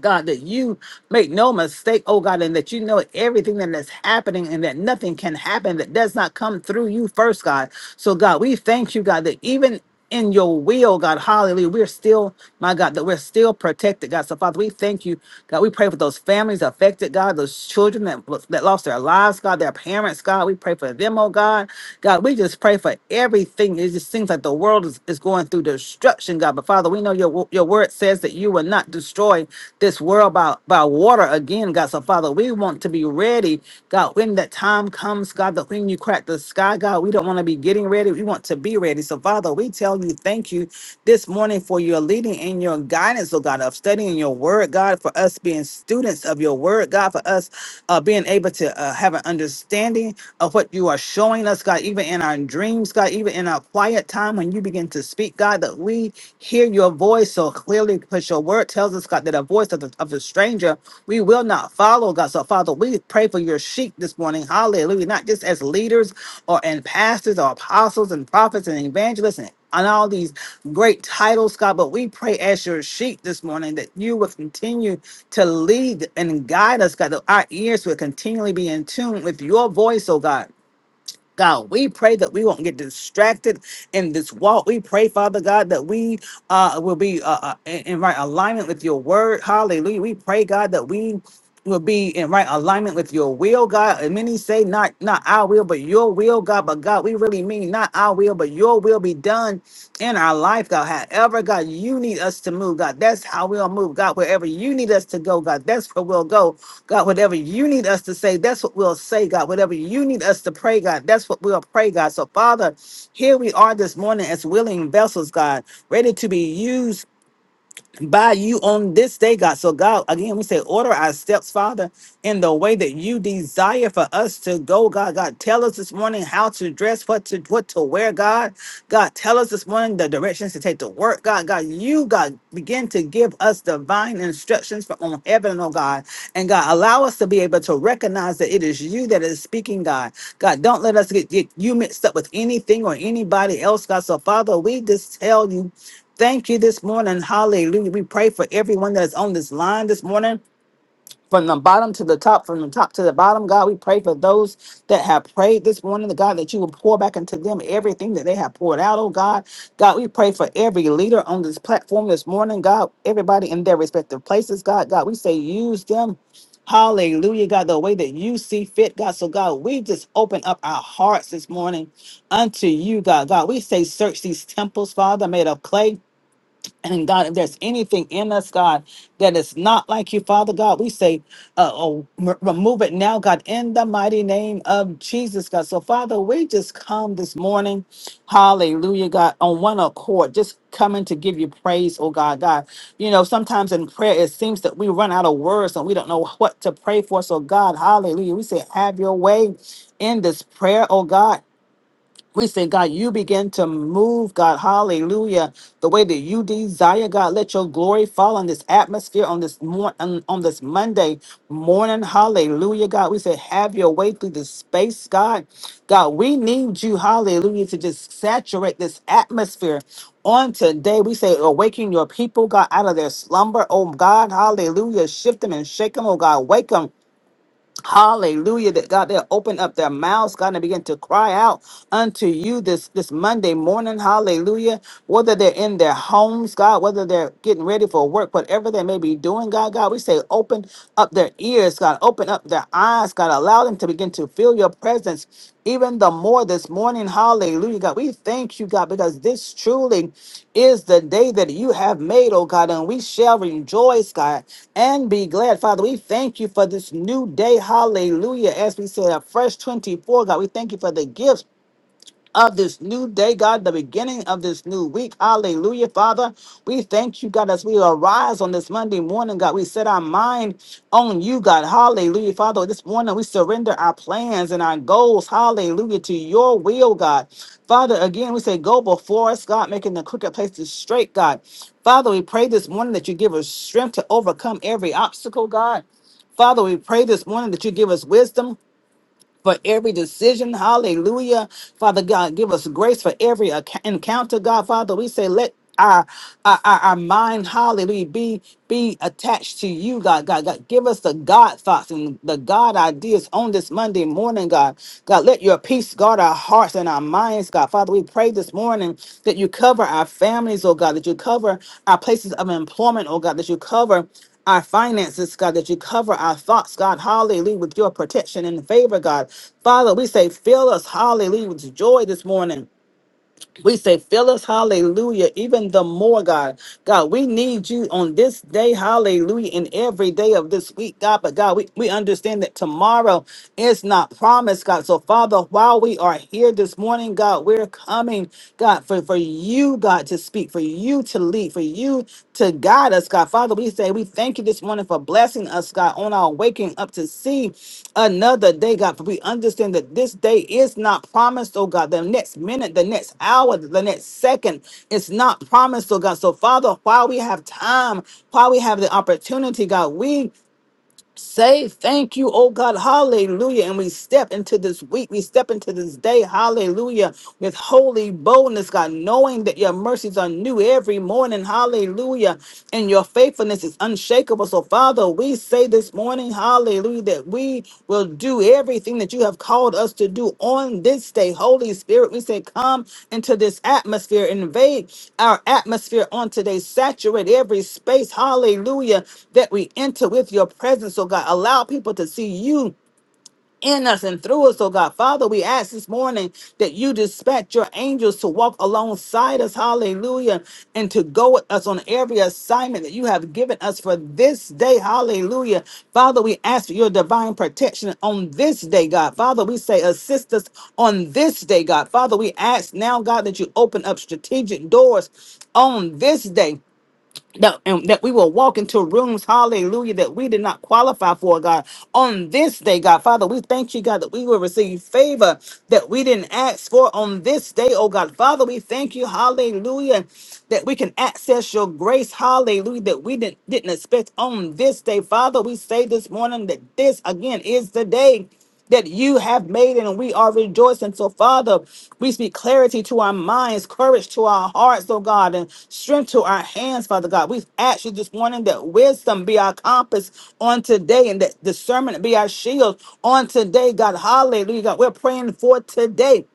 Speaker 6: God, that you make no mistake, oh God, and that you know everything that is happening and that nothing can happen that does not come through you first, God. So, God, we thank you, God, that even in your will, God, hallelujah, we're still, my God, that we're still protected, God. So, Father, we thank you, God. We pray for those families affected, God, those children that, that lost their lives, God, their parents, God. We pray for them, oh God. God, we just pray for everything. It just seems like the world is, is going through destruction, God. But Father, Father. We know your your word says that you will not destroy this world by, by water again, God. So, Father, we want to be ready, God, when that time comes, God, that when you crack the sky, God, we don't want to be getting ready. We want to be ready. So, Father, we tell you thank you this morning for your leading and your guidance, oh God, of studying your word, God, for us being students of your word, God, for us uh, being able to uh, have an understanding of what you are showing us, God, even in our dreams, God, even in our quiet time when you begin to speak, God, that we hear your voice so clearly because your word tells us, God, that a voice of the, of the stranger we will not follow, God. So, Father, we pray for your sheep this morning. Hallelujah. Not just as leaders or and pastors or apostles and prophets and evangelists and on all these great titles, God, but we pray as your sheep this morning that you will continue to lead and guide us, God, that our ears will continually be in tune with your voice, oh God. God. We pray that we won't get distracted in this walk. We pray, Father God, that we uh, will be uh, uh, in in right alignment with your word. Hallelujah. We pray, God, that we will be in right alignment with your will, God. And many say, not not our will, but your will, God. But God, we really mean not our will, but your will be done in our life, God. However, God, you need us to move, God. That's how we'll move, God. Wherever you need us to go, God, that's where we'll go. God, whatever you need us to say, that's what we'll say, God. Whatever you need us to pray, God, that's what we'll pray, God. So, Father, here we are this morning as willing vessels, God, ready to be used by you on this day, God. So, God, again, we say, order our steps, Father, in the way that you desire for us to go, God. God, tell us this morning how to dress, what to what to wear, God. God, tell us this morning the directions to take to work, God. God, you, God, begin to give us divine instructions from heaven, oh God. And God, allow us to be able to recognize that it is you that is speaking, God. God, don't let us get, get you mixed up with anything or anybody else, God. So, Father, we just tell you Thank you this morning. Hallelujah. We pray for everyone that is on this line this morning, from the bottom to the top, from the top to the bottom. God, we pray for those that have prayed this morning, the God, that you will pour back into them everything that they have poured out, oh God. God, we pray for every leader on this platform this morning, God, everybody in their respective places, God. God, we say use them. Hallelujah, God, the way that you see fit, God. So, God, we just open up our hearts this morning unto you, God. God, we say, search these temples, Father, made of clay. And God, if there's anything in us, God, that is not like you, Father God, we say, uh, oh, m- remove it now, God, in the mighty name of Jesus, God. So, Father, we just come this morning, hallelujah, God, on one accord, just coming to give you praise, oh God, God. You know, sometimes in prayer, it seems that we run out of words and we don't know what to pray for. So, God, hallelujah, we say, have your way in this prayer, oh God we say, God, you begin to move, God, hallelujah, the way that you desire, God. Let your glory fall on this atmosphere on this morning on, on this Monday morning. Hallelujah, God. We say, have your way through this space, God. God, we need you, hallelujah, to just saturate this atmosphere. On today, we say, awaken your people, God, out of their slumber. Oh God, hallelujah. Shift them and shake them, oh God. Wake them. Hallelujah. That God, they'll open up their mouths, God, and begin to cry out unto you this, this Monday morning. Hallelujah. Whether they're in their homes, God, whether they're getting ready for work, whatever they may be doing, God, God, we say open up their ears, God, open up their eyes, God, allow them to begin to feel your your presence even the more this morning. Hallelujah, God. We thank you, God, because this truly is the day that you have made, oh God, and we shall rejoice, God, and be glad. Father, we thank you for this new day. Hallelujah. As we said, a fresh 24, God, we thank you for the gifts of this new day, God, the beginning of this new week. Hallelujah, Father. We thank you, God, as we arise on this Monday morning, God. We set our mind on you, God. Hallelujah, Father. This morning we surrender our plans and our goals. Hallelujah, to your will, God. Father, again, we say, go before us, God, making the crooked places straight, God. Father, we pray this morning that you give us strength to overcome every obstacle, God. Father, we pray this morning that you give us wisdom for every decision. Hallelujah. Father God, give us grace for every ac- encounter, God. Father, we say, let our, our, our our mind, hallelujah, be be attached to you, God. God, God, give us the God thoughts and the God ideas on this Monday morning, God. God, let your peace guard our hearts and our minds, God. Father, we pray this morning that you cover our families, oh God, that you cover our places of employment, oh God, that you cover our finances, God, that you cover our thoughts, God, hallelujah, with your protection and favor, God. Father, we say, fill us, hallelujah, with joy this morning. We say, fill us, hallelujah, even the more, God. God, we need you on this day, hallelujah, and every day of this week, God. But God, we, we understand that tomorrow is not promised, God. So, Father, while we are here this morning, God, we're coming, God, for, for you, God, to speak, for you to lead, for you to guide us, God. Father, we say, we thank you this morning for blessing us, God, on our waking up to see another day, God. For we understand that this day is not promised, oh God. The next minute, the next hour, the next second is not promised, oh God. So, Father, while we have time, while we have the opportunity, God, we say thank you, oh God. Hallelujah. And we step into this week, we step into this day, hallelujah, with holy boldness, God, knowing that your mercies are new every morning, hallelujah. And your faithfulness is unshakable. So, Father, we say this morning, hallelujah hallelujah, that we will do everything that you have called us to do on this day. Holy Spirit, we say, come into this atmosphere, invade our atmosphere on today, saturate every space, hallelujah, that we enter with your presence, oh God. Allow people to see you in us and through us, oh God. Father, we ask this morning that you dispatch your angels to walk alongside us, hallelujah, and to go with us on every assignment that you have given us for this day, hallelujah. Father, we ask for your divine protection on this day, God. Father, we say assist us on this day, God. Father, we ask now, God, that you open up strategic doors on this day that and that we will walk into rooms, hallelujah, that we did not qualify for, God. On this day, God, Father, we thank you, God, that we will receive favor that we didn't ask for on this day, oh God. Father, we thank you, hallelujah, that we can access your grace, hallelujah, that we didn't didn't expect on this day. Father, we say this morning that this again is the day that you have made it and we are rejoicing. So, Father, we speak clarity to our minds, courage to our hearts, oh God, and strength to our hands, Father God. We've asked you this morning that wisdom be our compass on today and that discernment be our shield on today, God. Hallelujah. God, we're praying for today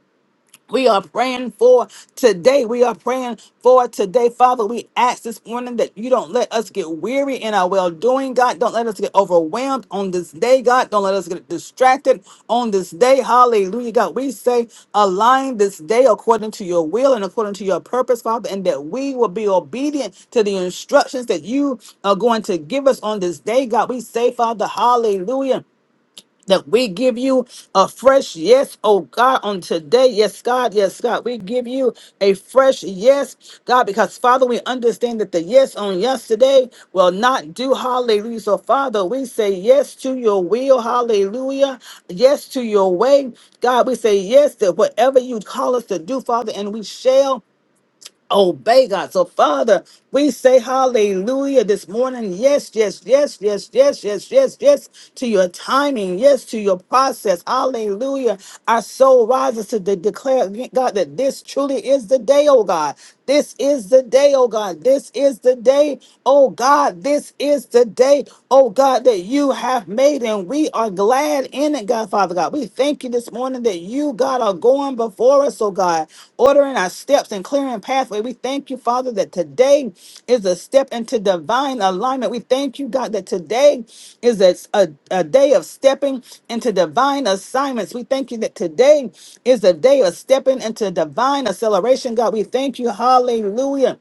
Speaker 6: we are praying for today. We are praying for today. Father, we ask this morning that you don't let us get weary in our well doing, God. Don't let us get overwhelmed on this day, God. Don't let us get distracted on this day. Hallelujah, God. We say, align this day according to your will and according to your purpose, Father, and that we will be obedient to the instructions that you are going to give us on this day, God. We say, Father, hallelujah that we give you a fresh yes, oh God, on today. Yes, God, yes, God. We give you a fresh yes, God, because Father, we understand that the yes on yesterday will not do hallelujah. So, Father, we say yes to your will, hallelujah. Yes to your way. God, we say yes to whatever you call us to do, Father, and we shall obey God. So, Father, we say hallelujah this morning. Yes, yes, yes, yes, yes, yes, yes, yes, to your timing. Yes, to your process. Hallelujah. Our soul rises to de- declare, yeah, God, that this truly is the day, oh God. This is the day, oh God. This is the day, oh God. This is the day, oh God, that you have made, and we are glad glad in it, God, Father God. We thank you this morning that you, God, are going before us, oh God, ordering our steps and clearing pathway. We thank you, Father, that today is a step into divine alignment. We thank you, God, that today is a, a, a day of stepping into divine assignments. We thank you that today is a day of stepping into divine acceleration, God. We thank you. Hallelujah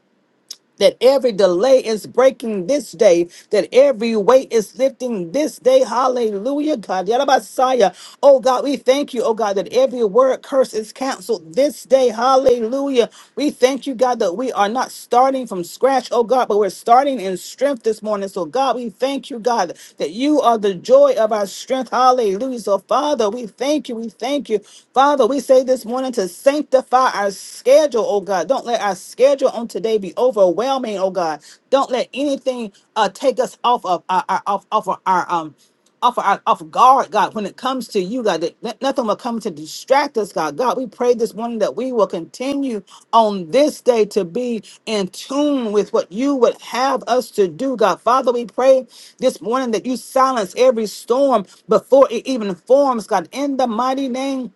Speaker 6: that every delay is breaking this day, that every weight is lifting this day. Hallelujah, God. Yarabasaya. Oh, God, we thank you, oh, God, that every word curse is canceled this day. Hallelujah. We thank you, God, that we are not starting from scratch, oh, God, but we're starting in strength this morning. So, God, we thank you, God, that you are the joy of our strength. Hallelujah. So, Father, we thank you. We thank you. Father, we say this morning to sanctify our schedule, oh God. Don't let our schedule on today be overwhelming, oh God. Don't let anything uh take us off of our, our off off of our um off of our off of guard, God, when it comes to you, God, that that nothing will come to distract us, God. God, we pray this morning that we will continue on this day to be in tune with what you would have us to do, God. Father, we pray this morning that you silence every storm before it even forms, God, in the mighty name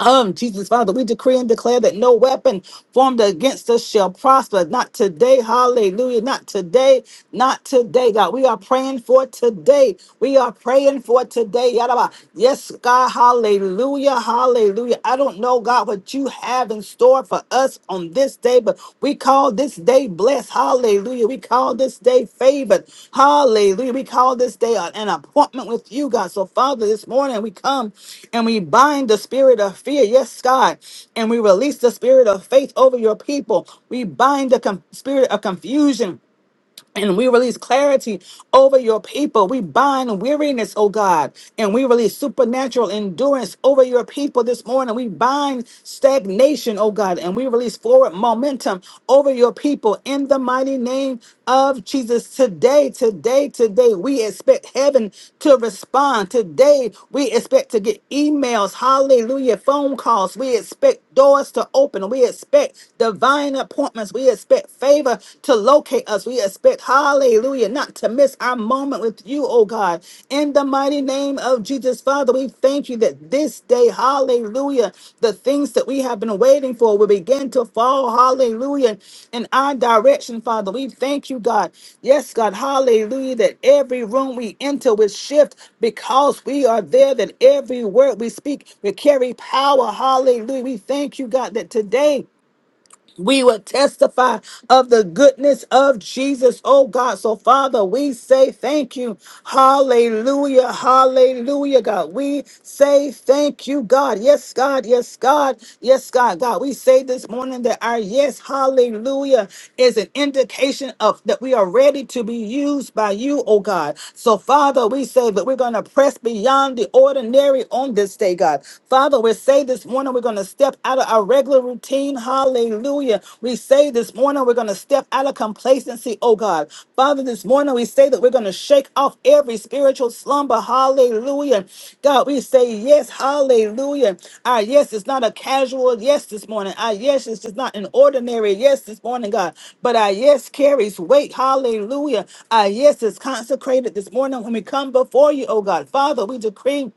Speaker 6: um, Jesus, Father, we decree and declare that no weapon formed against us shall prosper. Not today. Hallelujah. Not today. Not today, God. We are praying for today. We are praying for today. Yadaba. Yes, God. Hallelujah. Hallelujah. I don't know, God, what you have in store for us on on this day, but we call this day blessed. Hallelujah. We call this day favored. Hallelujah. We call this day an an appointment with you, God. So, Father, this morning we come and we bind the spirit of fear. Yes, God. And we release the spirit of faith over your people. We bind the com- spirit of confusion. And we release clarity over your people. We bind weariness, oh God. And we release supernatural endurance over your people this morning. We bind stagnation, oh God. And we release forward momentum over your people in the mighty name of Jesus. Today, today, today, we expect heaven to respond. Today, we expect to get emails, hallelujah, phone calls. We expect doors to open. We expect divine appointments. We expect expect favor to locate us. We expect, hallelujah, not to miss our moment with you, oh God. In the mighty name of Jesus, Father, we thank you that this day, hallelujah, the things that we have been waiting for will begin to fall, hallelujah, in our direction, Father. We thank you, God. Yes, God, hallelujah, that every room we enter will shift because we are there, that every word we speak will carry power, hallelujah. We thank you, God, that today, we will testify of the goodness of Jesus, oh God. So, Father, we say thank you. Hallelujah. Hallelujah, God. We say thank you, God. Yes, God. Yes, God. Yes, God. God, we say this morning that our yes, hallelujah, is an indication of that we are ready to be used by you, oh God. So, Father, we say that we're going to press beyond the ordinary on this day, God. Father, we say this morning morning we're going to step out of our regular routine. Hallelujah. We say this morning we're going to step out of complacency, oh God. Father, this morning we say that we're going to shake off every spiritual slumber. Hallelujah. God, we say yes. Hallelujah. Our yes is not a casual yes this morning. Our yes is just not an ordinary yes this morning, God. But our yes carries weight. Hallelujah. Our yes is consecrated this morning when we come before you, oh God. Father, we decree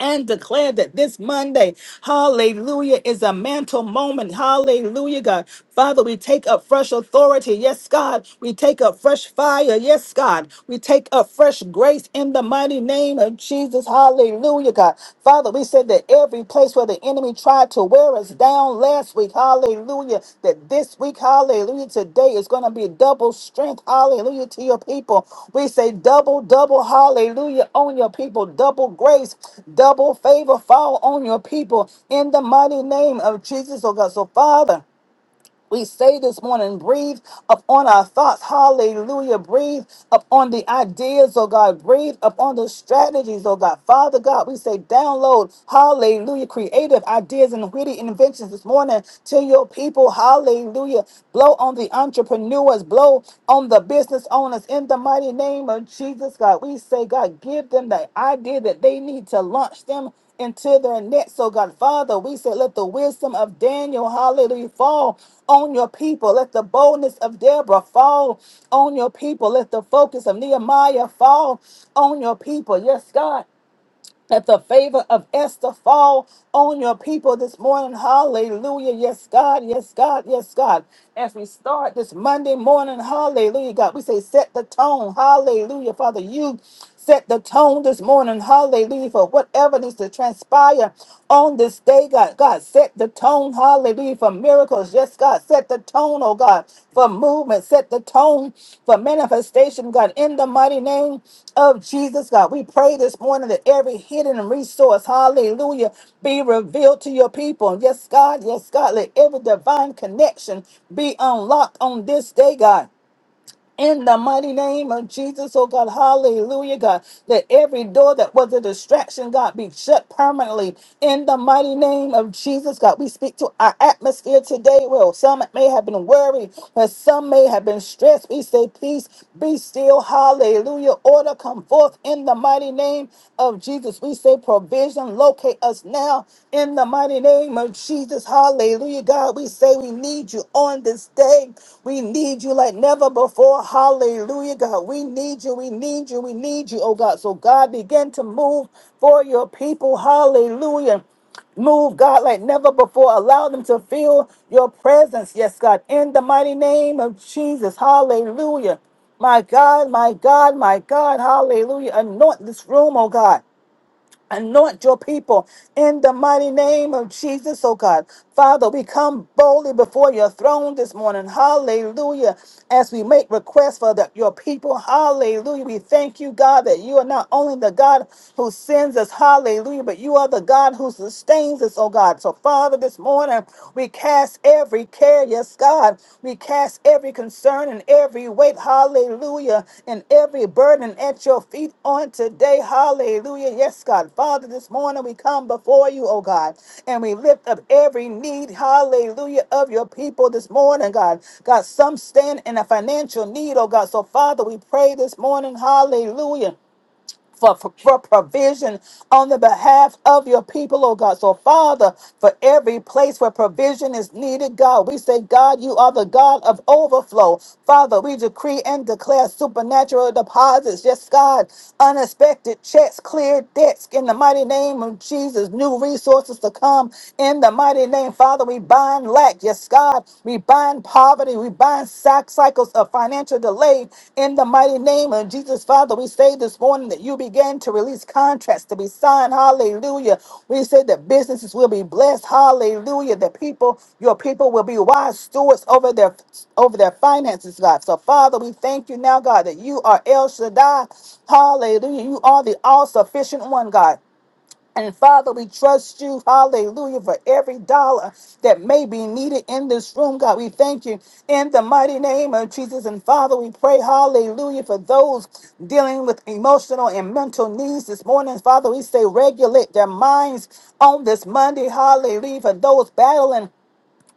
Speaker 6: and declare that this Monday, hallelujah, is a mantle moment. Hallelujah, God. Father, we take up fresh authority. Yes, God. We take up fresh fire. Yes, God. We take up fresh grace in the mighty name of Jesus. Hallelujah, God. Father, we said that every place where the enemy tried to wear us down last week. Hallelujah. That this week, hallelujah, today is going to be double strength. Hallelujah to your people. We say double, double, hallelujah on your people. Double grace, double favor fall on your people in the mighty name of Jesus, oh God. So, Father. We say this morning, breathe upon our thoughts. Hallelujah. Breathe upon the ideas, oh God. Breathe upon the strategies, oh God. Father God, we say download, hallelujah, creative ideas and witty inventions this morning to your people. Hallelujah. Blow on the entrepreneurs, blow on the business owners in the mighty name of Jesus, God. We say, God, give them the idea that they need to launch them into their net, So, God, Father, we say, let the wisdom of Daniel, hallelujah, fall on your people. Let the boldness of Deborah fall on your people. Let the focus of Nehemiah fall on your people. Yes, God. Let the favor of Esther fall on your people this morning. Hallelujah. Yes, God. Yes, God. Yes, God. As we start this Monday morning, hallelujah, God, we say set the tone. Hallelujah, Father. You set the tone this morning. Hallelujah. For whatever needs to transpire on this day, God. God, set the tone. Hallelujah. For miracles. Yes, God. Set the tone, oh God, for movement. Set the tone for manifestation, God. In the mighty name of Jesus, God. We pray this morning that every hidden resource, hallelujah, be revealed to your people. Yes, God. Yes, God. Let every divine connection be unlocked on this day, God. In the mighty name of Jesus, oh God, hallelujah, God, that every door that was a distraction, God, be shut permanently. In the mighty name of Jesus, God, we speak to our atmosphere today. Well, some may have been worried, but some may have been stressed. We say, peace, be still, hallelujah. Order come forth in the mighty mighty name of Jesus. We say provision, locate us now in the mighty name of Jesus. Hallelujah. God, we say we need you on this day. We need you like never before. Hallelujah. God, we need you. We need you. We need you, oh God. So God, begin to move for your people. Hallelujah. Move, God, like never before. Allow them to feel your presence. Yes, God. In the mighty name of Jesus. Hallelujah. My God, my God, my God. Hallelujah. Anoint this room, oh God. Anoint your people in the mighty name of Jesus, oh God. Father, we come boldly before your throne this morning. Hallelujah. As we make requests for the- your people, hallelujah. We thank you, God, that you are not only the God who sends us, hallelujah, but you are the God who sustains us, oh God. So, Father, this morning we cast every care. Yes, Yes, God. We cast every concern and every weight, hallelujah, and every burden at your feet on today, hallelujah. Yes, God. Father, this morning we come before you, oh God, and we lift up every need, hallelujah, of your people this morning, God. God, some stand in a financial need, oh God. So, Father, we pray this morning, hallelujah for, for, for provision on the behalf of your people, oh God. So, Father, for every place where provision is needed, God, we say, God, you are the God of overflow. Father, we decree and declare supernatural deposits. Yes, God, unexpected checks, clear debts in the mighty name of Jesus. New resources to come in the mighty name. Father, we bind lack. Yes, God, we bind bind poverty. We bind sack cycles of financial delay in the mighty name of Jesus. Father, we say this morning that you began to release contracts to be signed. Hallelujah. We say that businesses will be blessed. Hallelujah. That people, your people will be wise stewards over their over their finances, God. So Father, we thank you now, God, that you are El Shaddai. Hallelujah. You are the all-sufficient one, God. And Father, we trust you, hallelujah, for every dollar that may be needed in this room. God, we thank you in the mighty name of Jesus. And Father, we pray, hallelujah, for those dealing with emotional and mental needs this morning. Father, we say regulate their minds on this Monday, hallelujah, for those battling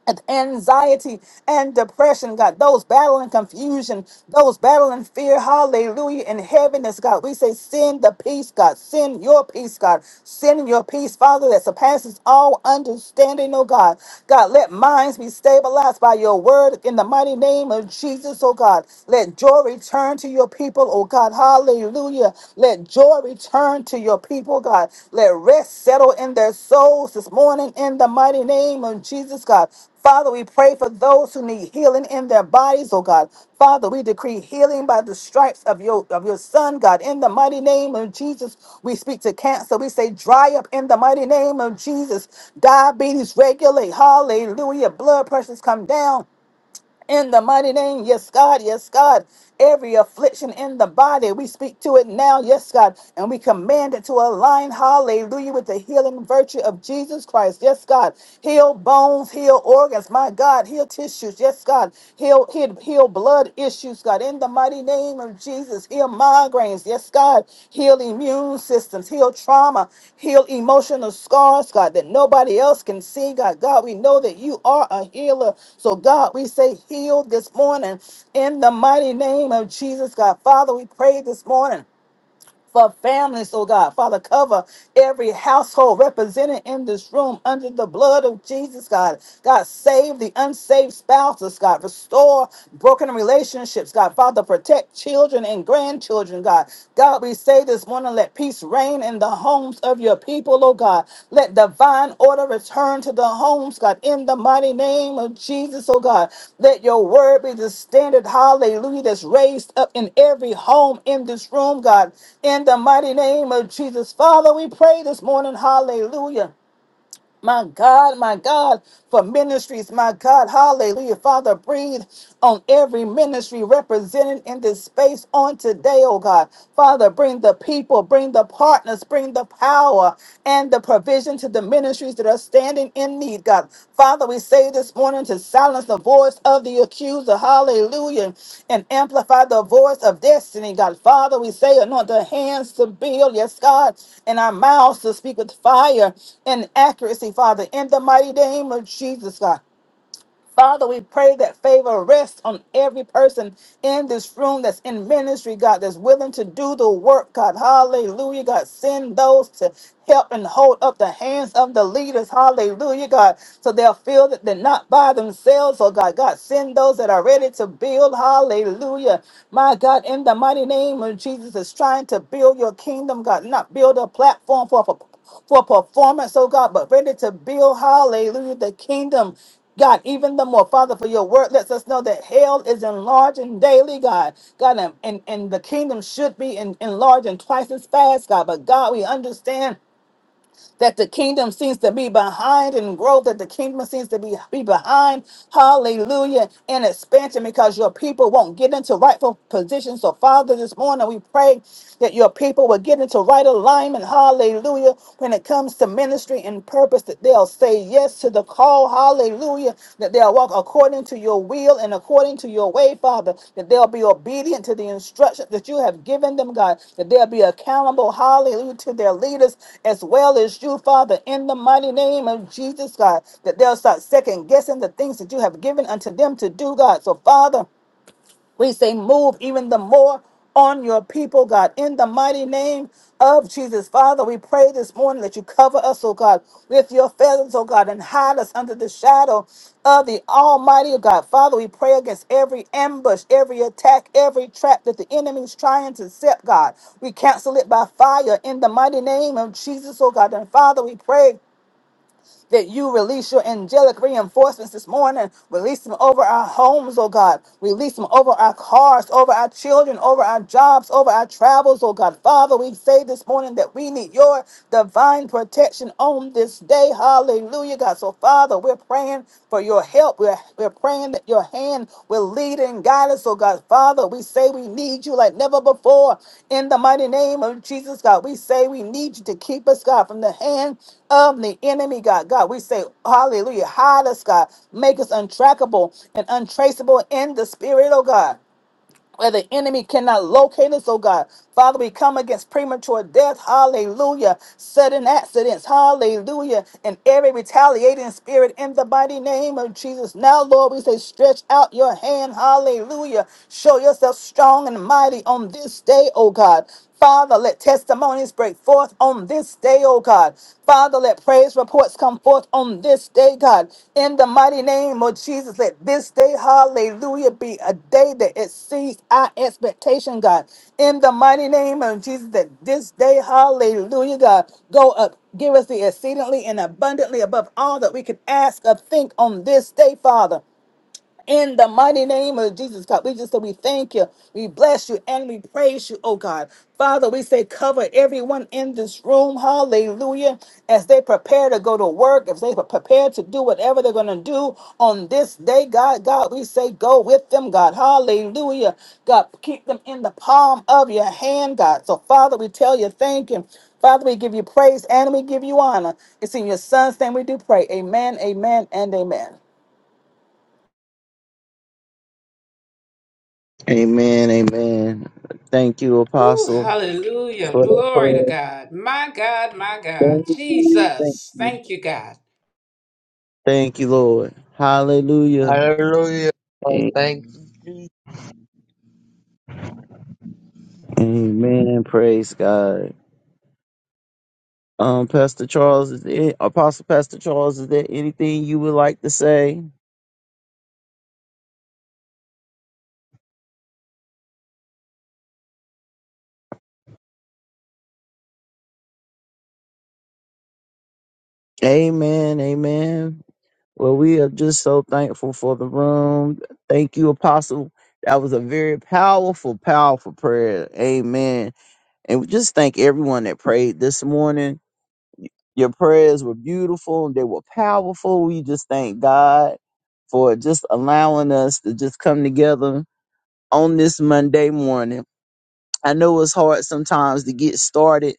Speaker 6: and anxiety and depression, God. Those battling confusion, those battling fear, hallelujah, and heaviness, God. We say, send the peace, God. Send your peace, God. Send your peace, Father, that surpasses all understanding, oh God. God, let minds be stabilized by your word in the mighty name of Jesus, oh God. Let joy return to your people, oh God. Hallelujah. Let joy Lord, return to your people, God. Let rest settle in their souls this morning in the mighty name of Jesus, God. Father, we pray for those who need healing in their bodies, oh God. Father, we decree healing by the stripes of your of your son, God. In the mighty name of Jesus, we speak to cancer. We say dry up in the mighty name of Jesus. Diabetes regulate. Hallelujah. Blood pressures come down in the mighty name. Yes, God. Yes, God. Every affliction in the body, we speak to it now. Yes, God. And we command it to align. Hallelujah. With the healing virtue of Jesus Christ. Yes, God. Heal bones, heal organs. My God. Heal tissues. Yes, God. Heal, heal, heal blood issues, God. In the in the mighty name of Jesus. Heal migraines. Yes, God. Heal immune systems. Heal trauma. Heal emotional scars, God, that nobody else can see, God. God, we know that you are a healer. So, God, we say heal this morning in the mighty name of Jesus, God. Father, we pray this morning for families, oh God. Father, cover every household represented in this room under the blood of Jesus, God. God, save the unsaved spouses, God. Restore broken relationships, God. Father, protect children and grandchildren, God. God, we say this morning, let peace reign in the homes homes of your people, oh God. Let divine order return to the homes, God, in the mighty name of Jesus, oh God. Let your word be the standard, hallelujah, that's raised up in every home in this room, God, in the mighty name of Jesus. Father, we pray this morning, hallelujah. My God, my God, for ministries, my God, hallelujah. Father, breathe on every ministry represented in this space on today, oh God. Father, bring the people, bring the partners, bring the power and the provision to the ministries that are standing in need, God. God. Father, we say this morning to silence the voice of the accuser, hallelujah, and amplify the voice of destiny, God. Father, we say anoint the hands to build, yes, God, and our mouths to speak with fire and accuracy, Father, in the mighty name of Jesus, God. Father, we pray that favor rests on every person in this room that's in ministry, God, that's willing to do the work, God. Hallelujah, God. Send those to help and hold up the hands of the leaders. Hallelujah, God. So they'll feel that they're not by themselves, oh God. God, send those that are ready to build. Hallelujah. My God, in the mighty name of Jesus, is trying to build your kingdom, God, not build a platform for for for performance, oh God, but ready to build, hallelujah, the kingdom. God, even the more, Father, for your word lets us know that hell is enlarging daily, God. God, and, and, and the kingdom should be en- enlarging twice as fast, God. But God, we understand that the kingdom seems to be behind in growth, that the kingdom seems to be, be behind, hallelujah, in expansion because your people won't get into rightful positions. So, Father, this morning we pray that your people will get into right alignment, hallelujah, when it comes to ministry and purpose, that they'll say yes to the call, Hallelujah. That they'll walk according to your will and according to your way, Father. That they'll be obedient to the instructions that you have given them, God. That they'll be accountable, hallelujah, to their leaders as well as you, Father, in the mighty name of Jesus, God. That they'll start second guessing the things that you have given unto them to do, God. So, Father, we say, move even the more on your people, God. In the mighty name of Jesus, Father, we pray this morning that you cover us, oh God, with your feathers, oh God, and hide us under the shadow of the Almighty, oh God. Father, we pray against every ambush, every attack, every trap that the enemy's trying to set, God. We cancel it by fire in the mighty name of Jesus, oh God. And Father, we pray that you release your angelic reinforcements this morning. Release them over our homes, oh God. Release them over our cars, over our children, over our jobs, over our travels, oh God. Father, we say this morning that we need your divine protection on this day. Hallelujah, God. So, Father, we're praying for your help. We're, we're praying that your hand will lead and guide us, oh God. Father, we say we need you like never before. In the mighty name of Jesus, God, we say we need you to keep us, God, from the hand of the enemy, God. God, we say, Hallelujah. Hide us, God. Make us untrackable and untraceable in the spirit, oh God. Where the enemy cannot locate us, oh God. Father, we come against premature death, hallelujah. Sudden accidents, hallelujah. And every retaliating spirit in the mighty name of Jesus. Now, Lord, we say, stretch out your hand, hallelujah. Show yourself strong and mighty on this day, oh God. Father, let testimonies break forth on this day, oh God. Father, let praise reports come forth on this day, God. In the mighty name of Jesus, let this day, hallelujah, be a day that exceeds our expectation, God. In the mighty name of Jesus, that this day, hallelujah, God, go up. Give us the exceedingly and abundantly above all that we could ask or think on this day, Father. In the mighty name of Jesus, God, we just say we thank you, we bless you, and we praise you, oh God. Father, we say cover everyone in this room, hallelujah, as they prepare to go to work, as they prepare to do whatever they're going to do on this day, God, God, we say go with them, God, hallelujah. God, keep them in the palm of your hand, God. So, Father, we tell you thank you. Father, we give you praise and we give you honor. It's in your son's name we do pray. Amen, amen, and amen.
Speaker 1: Amen, amen. Thank you,
Speaker 3: Ooh,
Speaker 1: Apostle,
Speaker 3: hallelujah.
Speaker 1: for that
Speaker 3: Glory to
Speaker 1: prayer.
Speaker 3: God. My God, my God.
Speaker 1: Thank you, thank
Speaker 3: Jesus.
Speaker 1: you,
Speaker 3: Thank you, God.
Speaker 1: thank you, Lord. Hallelujah.
Speaker 4: Hallelujah. Oh,
Speaker 1: A-
Speaker 4: thank you.
Speaker 1: Amen. Praise God. Um, Pastor Charles, is there, Apostle Pastor Charles, is there anything you would like to say? Amen, amen. Well, we are just so thankful for the room. Thank you, Apostle. That was a very powerful, powerful prayer. Amen. And we just thank everyone that prayed this morning. Your prayers were beautiful. They were powerful. We just thank God for just allowing us to just come together on this Monday morning. I know it's hard sometimes to get started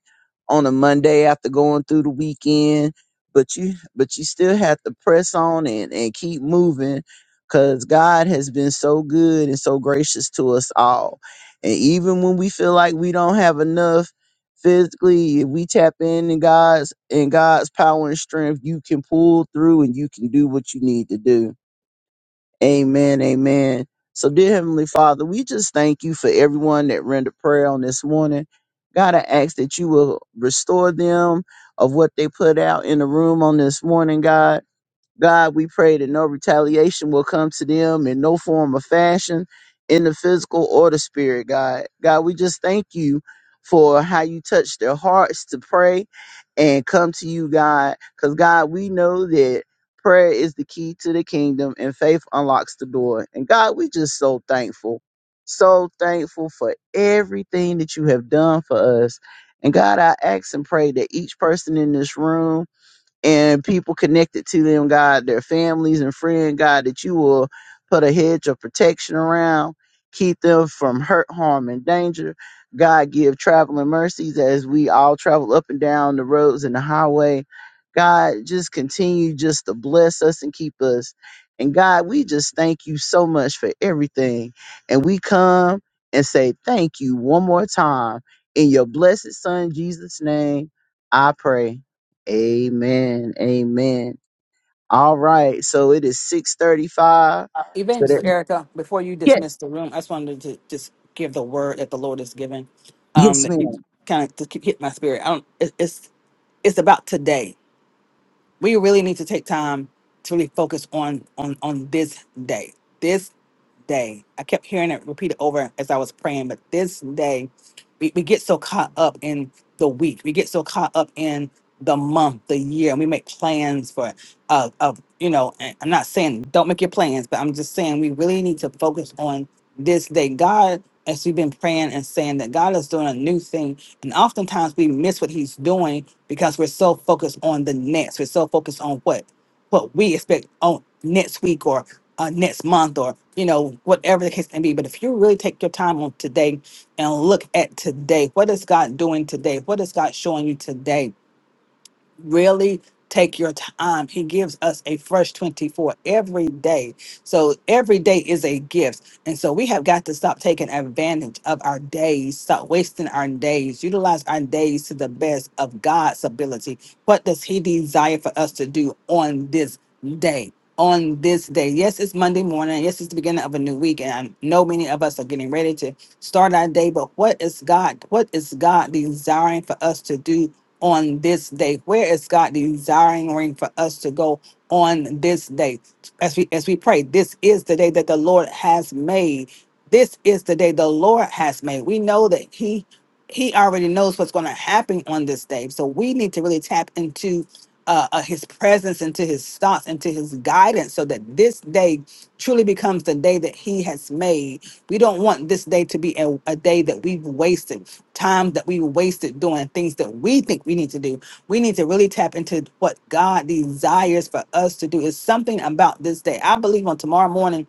Speaker 1: on a Monday after going through the weekend, but you but you still have to press on and, and keep moving because God has been so good and so gracious to us all. And even when we feel like we don't have enough physically, if we tap in in God's in God's power and strength, you can pull through and you can do what you need to do. Amen. Amen. So, dear Heavenly Father, we just thank you for everyone that rendered prayer on this morning. God, I ask that you will restore them of what they put out in the room on this morning, God. God, we pray that no retaliation will come to them in no form or fashion in the physical or the spirit, God. God, we just thank you for how you touch their hearts to pray and come to you, God. Because, God, we know that prayer is the key to the kingdom and faith unlocks the door. And, God, we just so thankful, so thankful for everything that you have done for us. And, God, I ask and pray that each person in this room, and people connected to them, God, their families and friends, God, that you will put a hedge of protection around, keep them from hurt, harm, and danger. God, give traveling mercies as we all travel up and down the roads and the highway. God, just continue just to bless us and keep us. And God, we just thank you so much for everything. And we come and say thank you one more time. In your blessed Son, Jesus' name, I pray. Amen. Amen. All right. So it is 635. So
Speaker 6: Evangelist
Speaker 1: that
Speaker 6: Erica, before you
Speaker 1: Yes.
Speaker 6: dismiss the room, I just wanted to just give the word that the Lord has given. Um,
Speaker 1: Yes,
Speaker 6: that keeps
Speaker 1: ma'am.
Speaker 6: kind of to keep hit my spirit. I don't. It, it's it's about today. We really need to take time to really focus on on on this day. This day. I kept hearing it repeated over as I was praying, but this day we, we get so caught up in the week we get so caught up in the month the year and we make plans for uh of you know and i'm not saying don't make your plans but i'm just saying we really need to focus on this day god as we've been praying and saying that god is doing a new thing and oftentimes we miss what he's doing because we're so focused on the next we're so focused on what what we expect on next week or uh, next month or you know whatever the case may be but if you really take your time on today and look at today what is god doing today what is god showing you today really take your time. He gives us a fresh 24 every day. So every day is a gift. And so we have got to stop taking advantage of our days, stop wasting our days, utilize our days to the best of God's ability. What does He desire for us to do on this day? On this day, yes, it's Monday morning. Yes, it's the beginning of a new week, and I know many of us are getting ready to start our day. But what is God? What is God desiring for us to do on this day? Where is God desiring for us to go on this day? As we as we pray, this is the day that the Lord has made. This is the day the Lord has made. We know that He He already knows what's going to happen on this day. So we need to really tap into uh, uh, his presence, into his thoughts, into his guidance, so that this day truly becomes the day that he has made. We don't want this day to be a, a day that we've wasted, time that we wasted doing things that we think we need to do. We need to really tap into what God desires for us to do. It's something about this day. I believe on tomorrow morning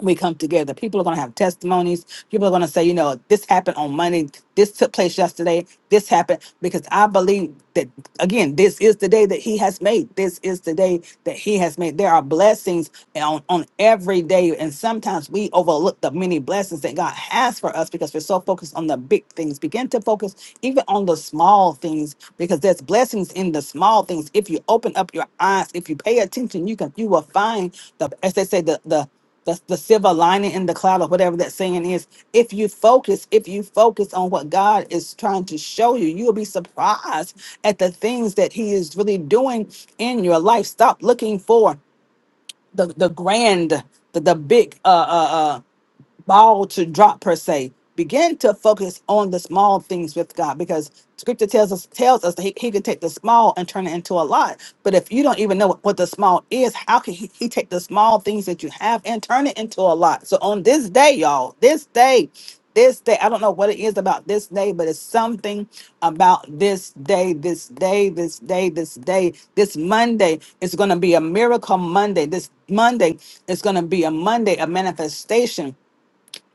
Speaker 6: we come together. People are going to have testimonies. People are going to say, you know, this happened on Monday. This took place yesterday. This happened because I believe that, again, this is the day that He has made. This is the day that He has made. There are blessings on, on every day. And sometimes we overlook the many blessings that God has for us because we're so focused on the big things. Begin to focus even on the small things because there's blessings in the small things. If you open up your eyes, if you pay attention, you can, you will find the, as they say, the, the, the, the silver lining in the cloud or whatever that saying is if you focus if you focus on what god is trying to show you you'll be surprised at the things that he is really doing in your life stop looking for the, the grand the, the big uh, uh, uh, ball to drop per se. Begin to focus on the small things with God because scripture tells us tells us that he, he can take the small and turn it into a lot. But if you don't even know what, what the small is, how can he, he take the small things that you have and turn it into a lot? So on this day, y'all, this day, this day, I don't know what it is about this day, but it's something about this day, this day, this day, this day, this Monday. is gonna be a miracle Monday. This Monday is gonna be a Monday, a manifestation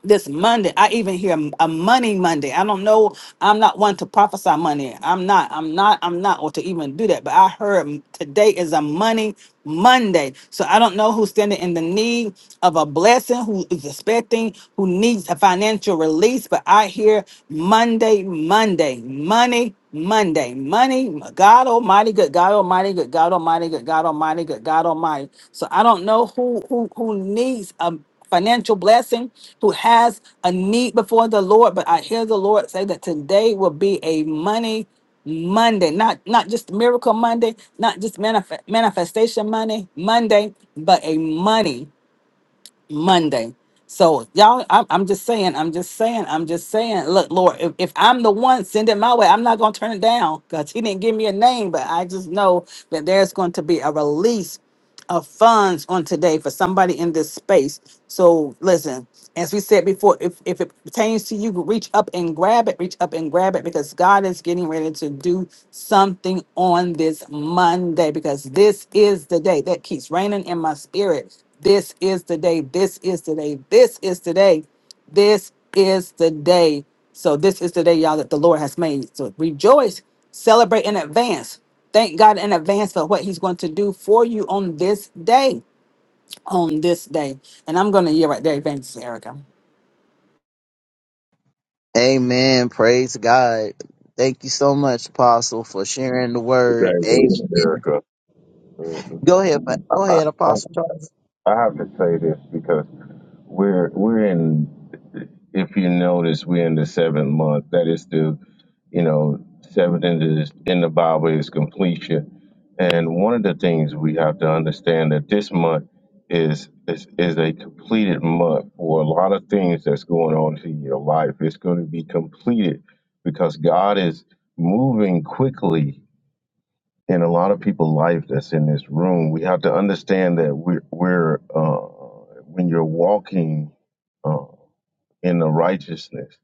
Speaker 6: this Monday. I even hear a money Monday. I don't know. I'm not one to prophesy money. I'm not. I'm not. I'm not, or to even do that. But I heard today is a money Monday. So I don't know who's standing in the need of a blessing, who is expecting, who needs a financial release. But I hear Monday, Monday, money. Monday, money, God Almighty, good God Almighty, good God Almighty, good God Almighty, good God Almighty. So I don't know who who who needs a financial blessing, who has a need before the Lord. But I hear the Lord say that today will be a money Monday, not not just miracle Monday, not just manif- manifestation Monday, Monday, but a money. Monday. So y'all, I'm, I'm just saying, I'm just saying, I'm just saying. Look, Lord, if, if I'm the one, send it my way. I'm not gonna turn it down because he didn't give me a name, but I just know that there's going to be a release of funds on today for somebody in this space. So listen, as we said before, if, if it pertains to you, reach up and grab it, reach up and grab it because God is getting ready to do something on this Monday because this is the day that keeps raining in my spirit. This is the day. This is the day. This is the day. This is the day. So this is the day, y'all, that the Lord has made. So rejoice, celebrate in advance. Thank God in advance for what He's going to do for you on this day. On this day. And I'm going to hear right there, Evangelist Erica.
Speaker 1: Amen. Praise God. Thank you so much, Apostle, for sharing the word.
Speaker 7: Evangelist
Speaker 1: Amen.
Speaker 7: Erica. Uh, um,
Speaker 1: Go ahead, Pa- go ahead,
Speaker 7: I
Speaker 1: Apostle Charles.
Speaker 7: I have to say this because we're we're in. If you notice, we're in the seventh month. That is the you know seventh in the in the Bible is completion. And one of the things we have to understand that this month is is is a completed month for a lot of things that's going on in your life. It's going to be completed because God is moving quickly in a lot of people's life that's in this room, we have to understand that we're, we're uh, when you're walking uh, in the righteousness,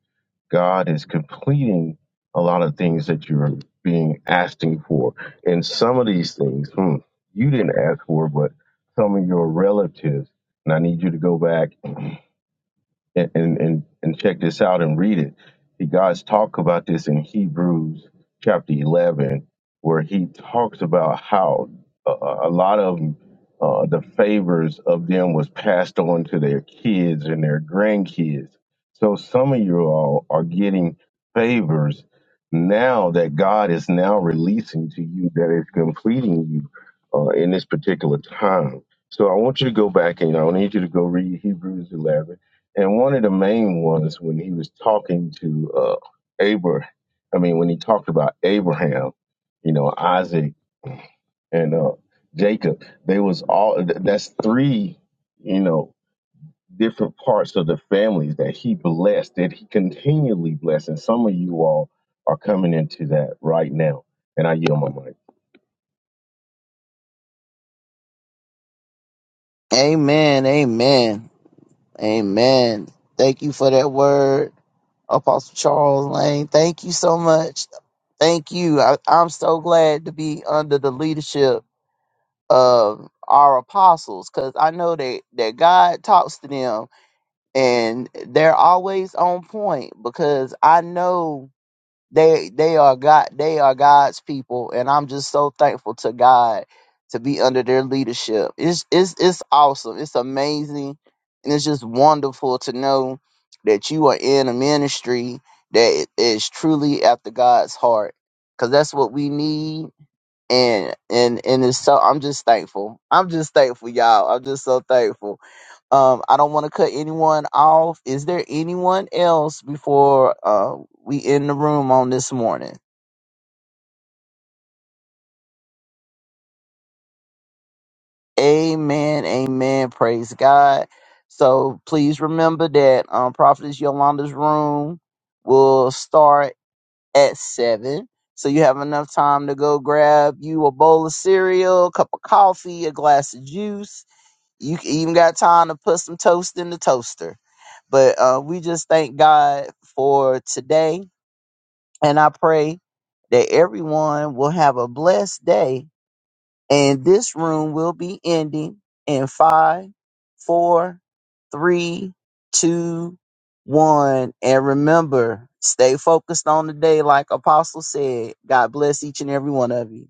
Speaker 7: God is completing a lot of things that you're being asking for. And some of these things, hmm, you didn't ask for, but some of your relatives, and I need you to go back and, and and and check this out and read it. He God's talk about this in Hebrews chapter eleven, where he talks about how a, a a lot of uh, the favors of them was passed on to their kids and their grandkids. So some of you all are getting favors now that God is now releasing to you that is completing you uh, in this particular time. So I want you to go back and I need you to go read Hebrews 11 and one of the main ones when he was talking to uh, Abraham, I mean, when he talked about Abraham, you know, Isaac and uh, Jacob, they was all th- that's three, you know, different parts of the families that he blessed, that he continually blessed. And some of you all are coming into that right now. And I yield my mic.
Speaker 1: Amen. Amen. Amen. Thank you for that word, Apostle Charles Lane. Thank you so much. Thank you. I, I'm so glad to be under the leadership of our apostles because I know that, that God talks to them and they're always on point because I know they they are God they are God's people and I'm just so thankful to God to be under their leadership. It's it's it's awesome. It's amazing and it's just wonderful to know that you are in a ministry that is truly after God's heart because that's what we need and and and it's so I'm just thankful. I'm just thankful, y'all. I'm just so thankful. Um, I don't want to cut anyone off. Is there anyone else before uh we end the room on this morning? Amen. Amen. Praise God. So please remember that um Prophetess Yolanda's room will start at seven. So you have enough time to go grab you a bowl of cereal, a cup of coffee, a glass of juice you even got time to put some toast in the toaster. But uh, we just thank God for today, and I pray that everyone will have a blessed day. And this room will be ending in five, four, three, two, one. And remember, stay focused on the day, like Apostle said. God bless each and every one of you.